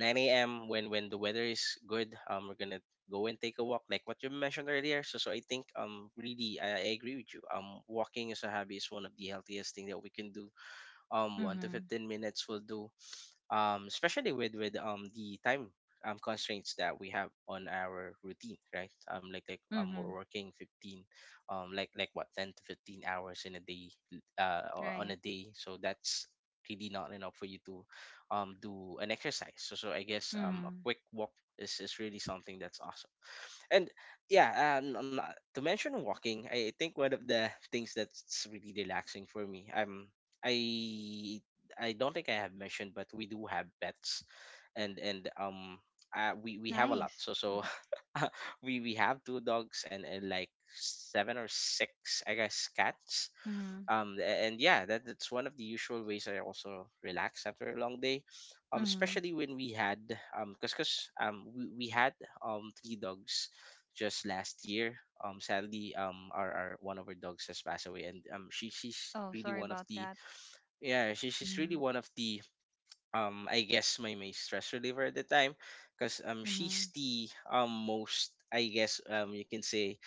B: 9 a.m. when the weather is good, we're gonna go and take a walk, like what you mentioned earlier. So I think, really, I agree with you. Walking as a hobby is one of the healthiest thing that we can do. One to
A: Mhm.
B: 15 minutes will do, especially with with the time constraints that we have on our routine, right? Like we're
A: Mhm.
B: working 15, like what, 10 to 15 hours in a day, on
A: Right.
B: a day. So that's really not enough for you to do an exercise. So I guess a
A: Mhm.
B: quick walk is really something that's awesome. And yeah, I'm not- to mention walking, I think one of the things that's really relaxing for me. I I don't think I have mentioned, but we do have pets, and we have a lot.
A: Nice.
B: So [laughs] we have two dogs and, like seven or six, I guess, cats.
A: Mhm.
B: And yeah, that's one of the usual ways I also relax after a long day.
A: Mhm.
B: Especially when we had, cause we had three dogs just last year. Sadly, our one of our dogs has passed away, and she's
A: Oh,
B: really
A: sorry
B: one of
A: about
B: the
A: that.
B: yeah, she's really
A: Mhm.
B: one of the, I guess, my stress reliever at the time, because she's
A: Mhm.
B: the, most, I guess, you can say,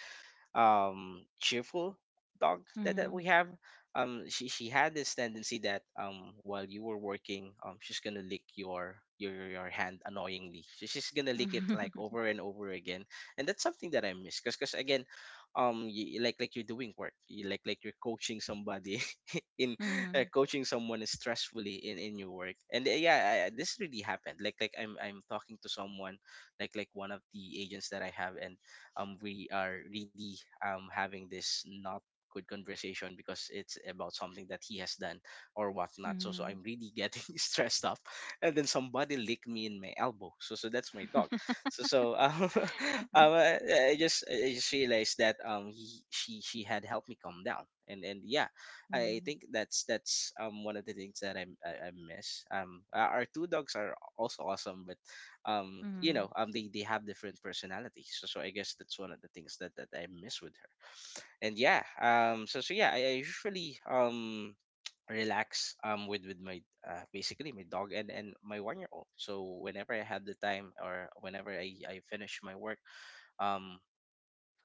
B: cheerful dog that we
A: Mhm.
B: have. She had this tendency that, while you were working, she's gonna lick your hand annoyingly. She's gonna lick it like
A: [laughs]
B: over and over again, and that's something that I miss, because again, you, like you're doing work, you, like you're coaching somebody in [laughs]
A: Mhm.
B: coaching someone stressfully in your work. And yeah, this really happened. Like I'm talking to someone, like one of the agents that I have, and we are really, having this not good conversation because it's about something that he has done or whatnot. So
A: Mhm.
B: I'm really getting [laughs] stressed up, and then somebody licked me in my elbow, so that's my dog.
A: [laughs]
B: So, [laughs] um I, I just realized that he she had helped me calm down. And yeah, I
A: Mhm.
B: think that's, that's one of the things that I miss. Our two dogs are also awesome, but um, you
A: Mhm.
B: know, um, they, they have different personalities. So I guess that's one of the things that I miss with her. And yeah, so yeah, I usually relax with my, basically my dog and my 1-year old. So whenever I have the time or whenever I finish my work, um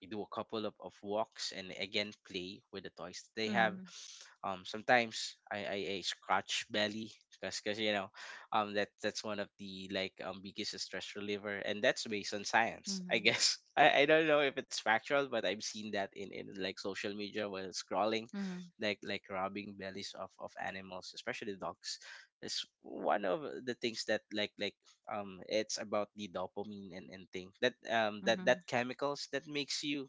B: we do a couple of walks and again play with the toys they have.
A: Mhm.
B: Sometimes I scratch belly because that's one of the like biggest stress reliever, and that's based on science, I
A: Mhm.
B: guess. [laughs] I don't know if it's factual, but I've seen that in like social media while scrolling,
A: Mhm. Mhm.
B: like rubbing bellies of animals, especially dogs, is one of the things that it's about the dopamine and thing that
A: Mhm. [laughs]
B: chemicals that makes you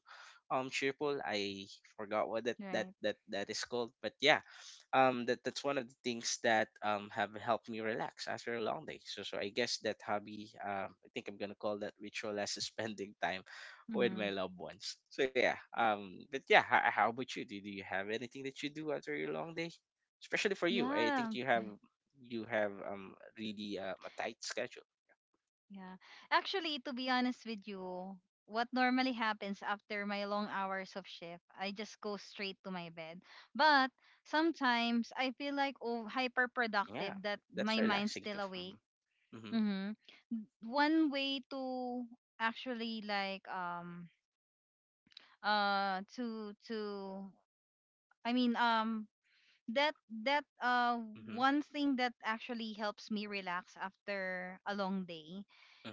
B: cheerful. I forgot what that that
A: Right.
B: that that is called, but yeah. That's one of the things that have helped me relax after a long day. So so I guess that hobby, I think I'm gonna call that ritual as [laughs] spending time with
A: Mm-hmm.
B: my loved ones. So yeah, but yeah, how about you, do you have anything that you do after your long day? Especially for you, I think
A: Yeah.
B: you have really a tight schedule.
A: Yeah. Actually, to be honest with you, what normally happens after my long hours of shift, I just go straight to my bed. But sometimes I feel like oh, hyper
B: Yeah,
A: productive that
B: that's
A: my mind's
B: relaxing too.
A: still awake.
B: Mhm. Mhm.
A: Mm-hmm. One way to actually like to I mean that that
B: Mhm.
A: one thing that actually helps me relax after a long day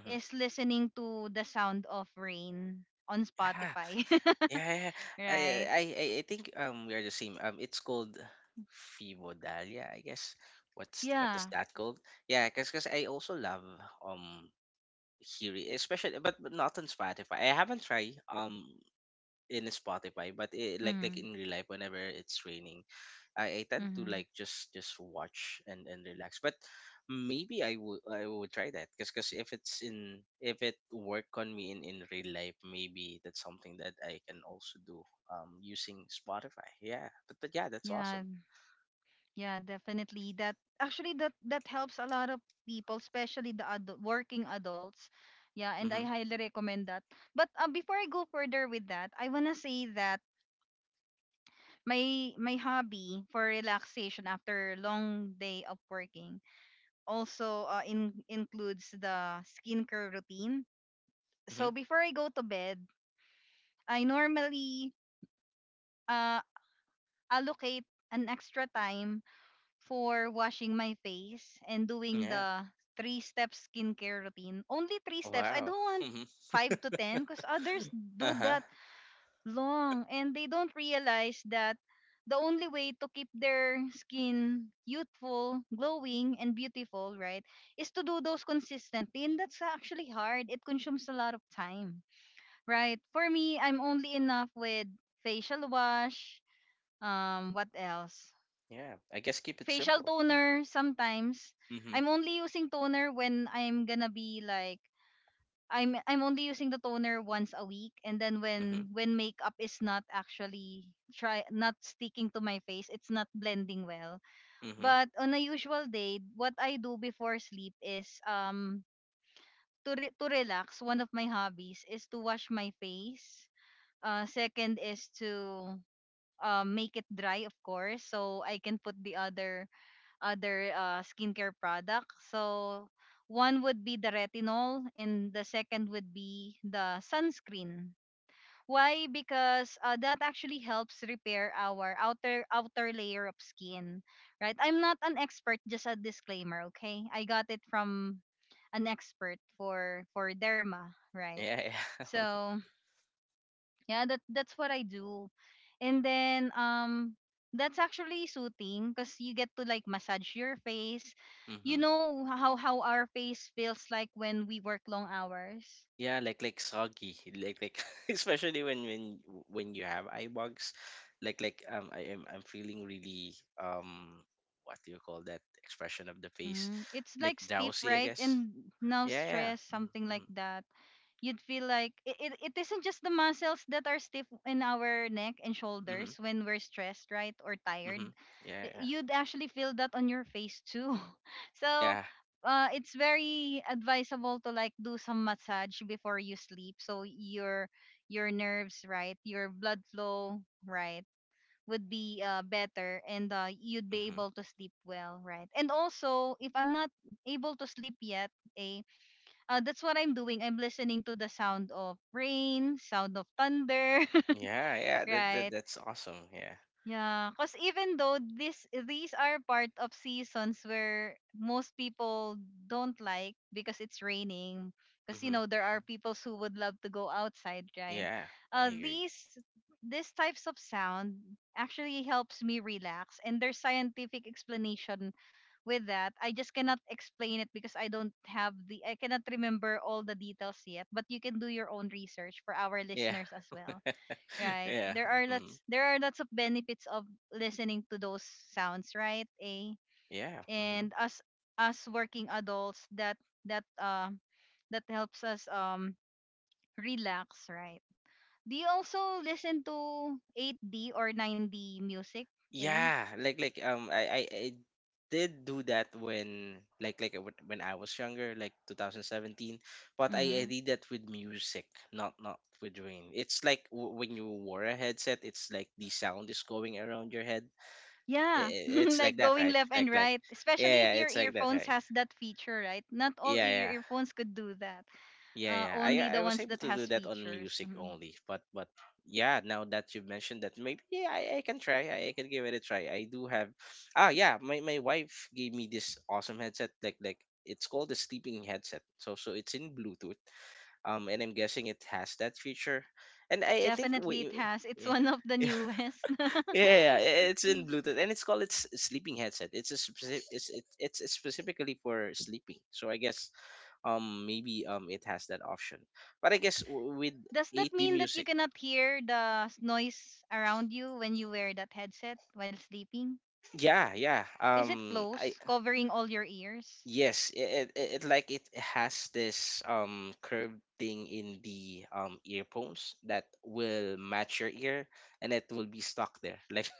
B: Mhm.
A: is listening to the sound of rain on
B: Yeah.
A: Spotify. [laughs]
B: Yeah. Yeah. I. I.
A: Right?
B: I I think we are the same. It's called Fibodalia, I guess. What is
A: Yeah.
B: that called? Yeah, cause, 'cause I also love um hearing, especially but not on Spotify. I haven't tried in Spotify, but it, like
A: Mm-hmm.
B: in real life, whenever it's raining, I tend to
A: Mm-hmm.
B: like just watch and relax. But maybe I would try that, because if it's in if it work on me in real life, maybe that's something that I can also do using Spotify. Yeah, but yeah, that's
A: Yeah.
B: awesome.
A: Yeah, definitely. That actually that helps a lot of people, especially the adult, working adults. Yeah, and I
B: Mm-hmm.
A: highly recommend that. But before I go further with that, I wanna say that my hobby for relaxation after a long day of working also includes the skincare routine,
B: Mm-hmm.
A: so before I go to bed, I normally uh, allocate an extra time for washing my face and doing
B: Yeah.
A: the three step skincare routine. Only three steps. I
B: Wow.
A: don't want
B: [laughs] Mm-hmm.
A: 5 to 10, because others
B: Uh
A: do
B: huh.
A: that long and they don't realize that the only way to keep their skin youthful, glowing, and beautiful, right, is to do those consistently. And that's actually hard. It consumes a lot of time, right? For me, I'm only enough with facial wash. What else?
B: Yeah. I guess keep it
A: Facial
B: simple. Yeah.
A: toner sometimes.
B: Mm-hmm.
A: I'm only using toner when I'm gonna be like I'm only using the toner once a week, and then
B: Mm-hmm.
A: when makeup is not actually try not sticking to my face, it's not blending well.
B: Mm-hmm.
A: But on a usual day, what I do before sleep is to relax, one of my hobbies is to wash my face. Second is to make it dry, of course, so I can put the other skincare product. So one would be the retinol and the second would be the sunscreen. Why? Because that actually helps repair our outer layer of skin, right? I'm not an expert, just a disclaimer, okay? I got it from an expert for derma, right?
B: Yeah. Yeah.
A: So yeah, that's what I do. And then that's actually soothing because you get to like massage your face.
B: [laughs]
A: You
B: Mm-hmm.
A: know how our face feels like when we work long hours.
B: Yeah, like soggy, like [laughs] especially when you have eye bugs, like I'm feeling really um what do you call that expression of the face,
A: Mm, it's
B: like
A: like stiff,
B: drowsy, I
A: right?
B: guess.
A: And now
B: Yeah, yeah.
A: stress, something like
B: Mm-hmm,
A: that. You'd feel like it isn't just the muscles that are stiff in our neck and
B: mm-hmm, mm-hmm.
A: shoulders when we're stressed, right? Or tired.
B: Mm-hmm. Yeah, yeah,
A: You'd actually feel that on your face too. [laughs] So,
B: yeah.
A: it's very advisable to like do some massage before you sleep so your nerves, right? Your blood flow, right? would be better, and you'd be
B: Mm-hmm.
A: able to sleep well, right? And also, if I'm not able to sleep yet, eh, that's what I'm doing. I'm listening to the sound of rain, sound of thunder.
B: Yeah, yeah.
A: [laughs]
B: That, that
A: Right?
B: that's awesome. Yeah.
A: Yeah, because even though this these are part of seasons where most people don't like because it's raining, because you
B: Mm-hmm.
A: know there are people who would love to go outside, right?
B: Yeah, I
A: Uh,
B: agree.
A: these these types of sound actually helps me relax, and there's scientific explanation with that. I just cannot explain it because I don't have the I cannot remember all the details yet. But you can do your own research for our
B: Yeah,
A: listeners as well,
B: [laughs]
A: right?
B: yeah. Mm-hmm.
A: There are lots of benefits of listening to those sounds, right? A
B: Yeah. Mm-hmm.
A: and us working adults that that um helps us relax, right? Do you also listen to 8D or 9D music? A
B: Yeah, like I did do that when like w- when I was younger, like 2017, but I
A: Mm-hmm.
B: did that with music, not not with rain. It's like w- when you wore a headset, it's like the sound is going around your head.
A: Yeah, [laughs]
B: It's
A: like
B: like that,
A: going
B: right?
A: left and
B: Like
A: right, especially if
B: yeah, yeah,
A: your
B: it's like that,
A: earphones
B: right?
A: has that feature, right? Not all
B: Yeah, yeah.
A: earphones could do that.
B: Yeah, yeah.
A: Only the
B: I was
A: ones
B: able
A: that
B: to do
A: has
B: that on
A: features.
B: music
A: Mhm.
B: only, but yeah, now that you've mentioned that, maybe yeah, I can try. I can give it a try. I do have. Ah, yeah. My wife gave me this awesome headset. Like it's called the sleeping headset. So so it's in Bluetooth. And I'm guessing it has that feature. And I think
A: Definitely
B: we.
A: it has. It's
B: Yeah.
A: one of the
B: [laughs]
A: newest. [laughs]
B: Yeah, it's in Bluetooth, and it's called its sleeping headset. It's a specific, it's it's specifically for sleeping. So I guess maybe it has that option, but I guess with
A: Does
B: at
A: that mean that you
B: music
A: cannot hear the noise around you when you wear that headset while sleeping?
B: yeah yeah
A: Is it
B: I
A: close, covering all your ears?
B: yes, it like it has this curved thing in the earphones that will match your ear, and it will be stuck there [laughs]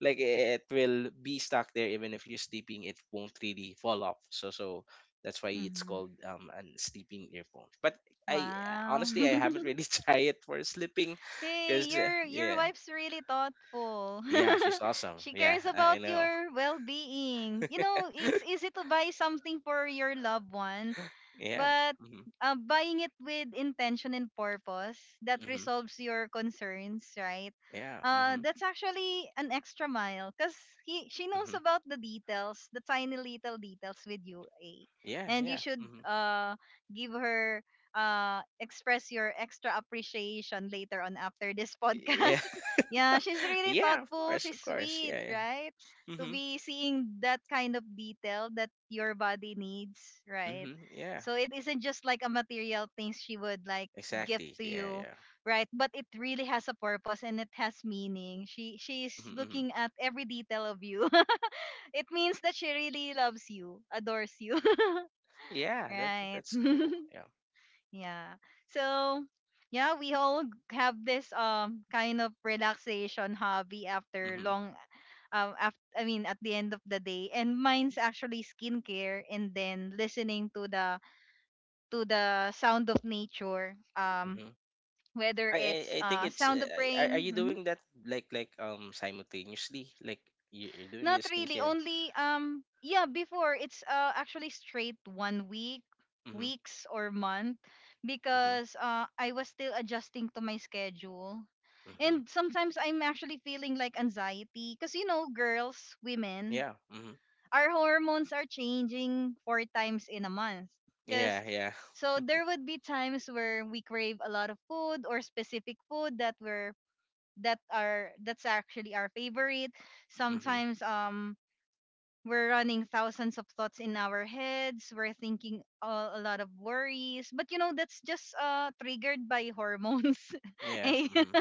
B: like it will be stuck there even if you're sleeping, it won't really fall off. So so that's why it's
A: Hmm.
B: called an sleeping earphone, but I
A: Wow.
B: honestly I haven't
A: [laughs]
B: really [laughs] tried it for sleeping
A: Hey,
B: because
A: your
B: yeah.
A: your wife's really thoughtful.
B: Yeah,
A: [laughs]
B: she's awesome.
A: She
B: Yeah,
A: cares about
B: I know.
A: your well-being. You know, it's easy to buy something for your loved one.
B: Yeah.
A: But
B: Mhm.
A: buying it with intention and purpose that
B: Mhm.
A: resolves your concerns, right?
B: Yeah. Mhm.
A: That's actually an extra mile because he she
B: Mhm.
A: knows about the details, the tiny little details with you, eh?
B: Yeah.
A: And you
B: Yeah.
A: should
B: Mhm.
A: give her express your extra appreciation later on after this [laughs]
B: Yeah.
A: podcast. Yeah,
B: [laughs]
A: she's really
B: Yeah. Of
A: thoughtful.
B: course.
A: She's
B: Of course.
A: sweet,
B: Yeah. Yeah.
A: right? To
B: Mhm.
A: be seeing that kind of detail that your body needs, right?
B: Mhm. Yeah.
A: So it isn't just like a material things she would like give
B: Exactly.
A: to
B: Yeah.
A: you,
B: Yeah.
A: right? But it really has a purpose and it has meaning. She
B: Mhm.
A: she's
B: Mhm.
A: looking at every detail of you. [laughs] It means that she really loves you, adores you. [laughs]
B: Yeah. That
A: Right. [laughs]
B: that's cool. Yeah.
A: Yeah. So yeah, we all have this kind of relaxation hobby after
B: Mhm.
A: I mean, at the end of the day. And mine's actually skincare and then listening to the sound of nature,
B: Mhm.
A: whether
B: I, I
A: it's
B: I think it's.
A: sound of
B: Are
A: rain.
B: you
A: Mhm.
B: doing that like simultaneously? Like you- you're doing
A: Not
B: the
A: really,
B: skincare.
A: only yeah, before it's actually straight one week
B: Mhm.
A: weeks or month,
B: Mhm.
A: because I was still adjusting to my schedule.
B: Mhm.
A: And sometimes I'm actually feeling like anxiety, because you know, girls, women,
B: Yeah. Mhm.
A: our hormones are changing 4 times in a month because...
B: Yeah. Yeah.
A: so there
B: [laughs]
A: would be times where we crave a lot of food or specific food that's actually our favorite
B: Mhm.
A: sometimes. We're running thousands of thoughts in our heads, we're thinking a lot of worries, but you know that's just triggered by hormones. [laughs]
B: Yeah.
A: Eh?
B: Mhm.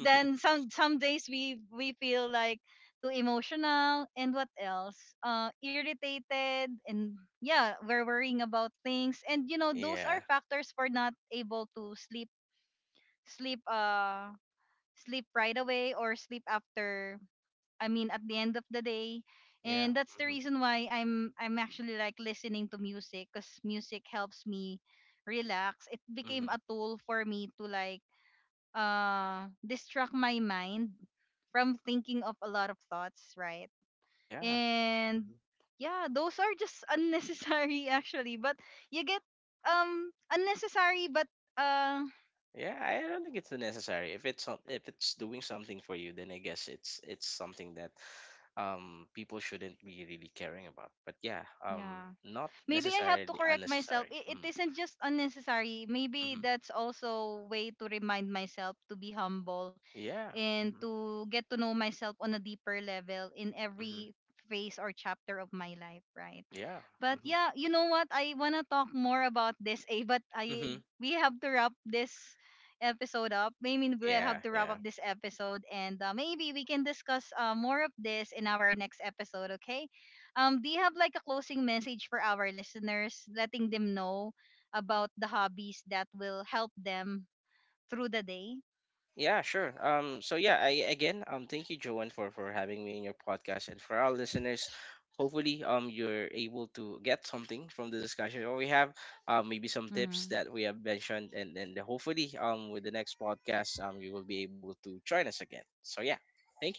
A: Then some days we feel like too emotional and what else, irritated, and yeah, we're worrying about things. And you know those are
B: Yeah.
A: factors for not able to sleep uh sleep right away, or sleep after, I mean, at the end of the day.
B: Yeah.
A: And that's the
B: Mhm.
A: reason why I'm actually like listening to music, because music helps me relax. It became
B: Mhm.
A: a tool for me to like distract my mind from thinking of a lot of thoughts, right?
B: Yeah.
A: And
B: Mhm.
A: yeah, those are just unnecessary, [laughs] actually, but you get... unnecessary, but uh
B: Yeah, I don't think it's necessary. If it's some- if it's doing something for you, then I guess it's something that people shouldn't be really caring about. But yeah,
A: yeah.
B: not
A: Maybe I have to
B: necessarily
A: correct myself.
B: unnecessary.
A: It isn't just unnecessary. Maybe
B: Mm-hmm.
A: that's also way to remind myself to be humble
B: Yeah.
A: and
B: Mm-hmm.
A: to get to know myself on a deeper level in
B: Yeah. Mm-hmm. Mm-hmm.
A: every phase or chapter of my life, right?
B: Yeah.
A: But
B: Mhm.
A: yeah, you know what? I wanna talk more about this, eh? But I
B: Mhm.
A: we have to wrap this episode up. I mean, we
B: Yeah.
A: have to wrap
B: Yeah.
A: up this episode, and maybe we can discuss more of this in our next episode, okay? Do you have like a closing message for our listeners, letting them know about the hobbies that will help them through the day?
B: Yeah, sure. So yeah, I again, thank you, Joanne, for having me in your podcast, and for our listeners, hopefully, you're able to get something from the discussion that we have, maybe some tips
A: Mm-hmm.
B: that we have mentioned, and hopefully, with the next podcast, you will be able to join us again. So yeah, thank you.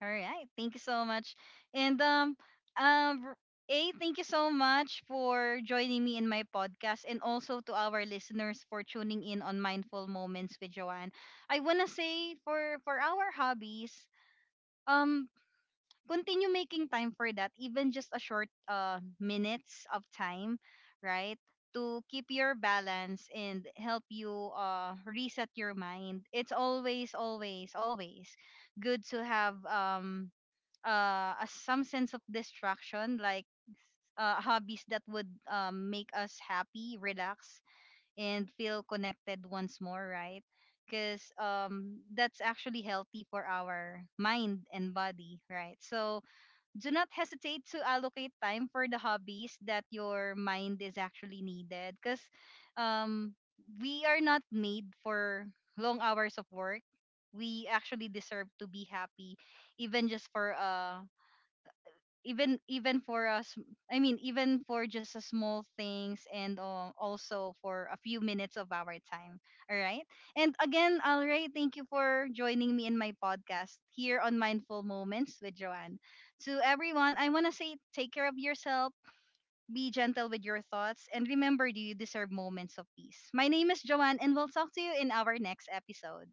A: All right. Thank you so much. And um R- A, thank you so much for joining me in my podcast and also to our listeners for tuning in on Mindful Moments with Joanne. I wanna say for our hobbies, um continue making time for that, even just a short minutes of time, right? To keep your balance and help you reset your mind. It's always, always, always good to have some sense of distraction like hobbies that would make us happy, relax, and feel connected once more, right? Because that's actually healthy for our mind and body, right? So do not hesitate to allocate time for the hobbies that your mind is actually needed, because um, we are not made for long hours of work. We actually deserve to be happy, even just for a even even for us I mean, even for just a small things. And also for a few minutes of our time. All right. And again, Alray, thank you for joining me in my podcast here on Mindful Moments with Joanne. To everyone, I want to say, take care of yourself, be gentle with your thoughts, and remember, do you deserve moments of peace. My name is Joanne, and we'll talk to you in our next episode.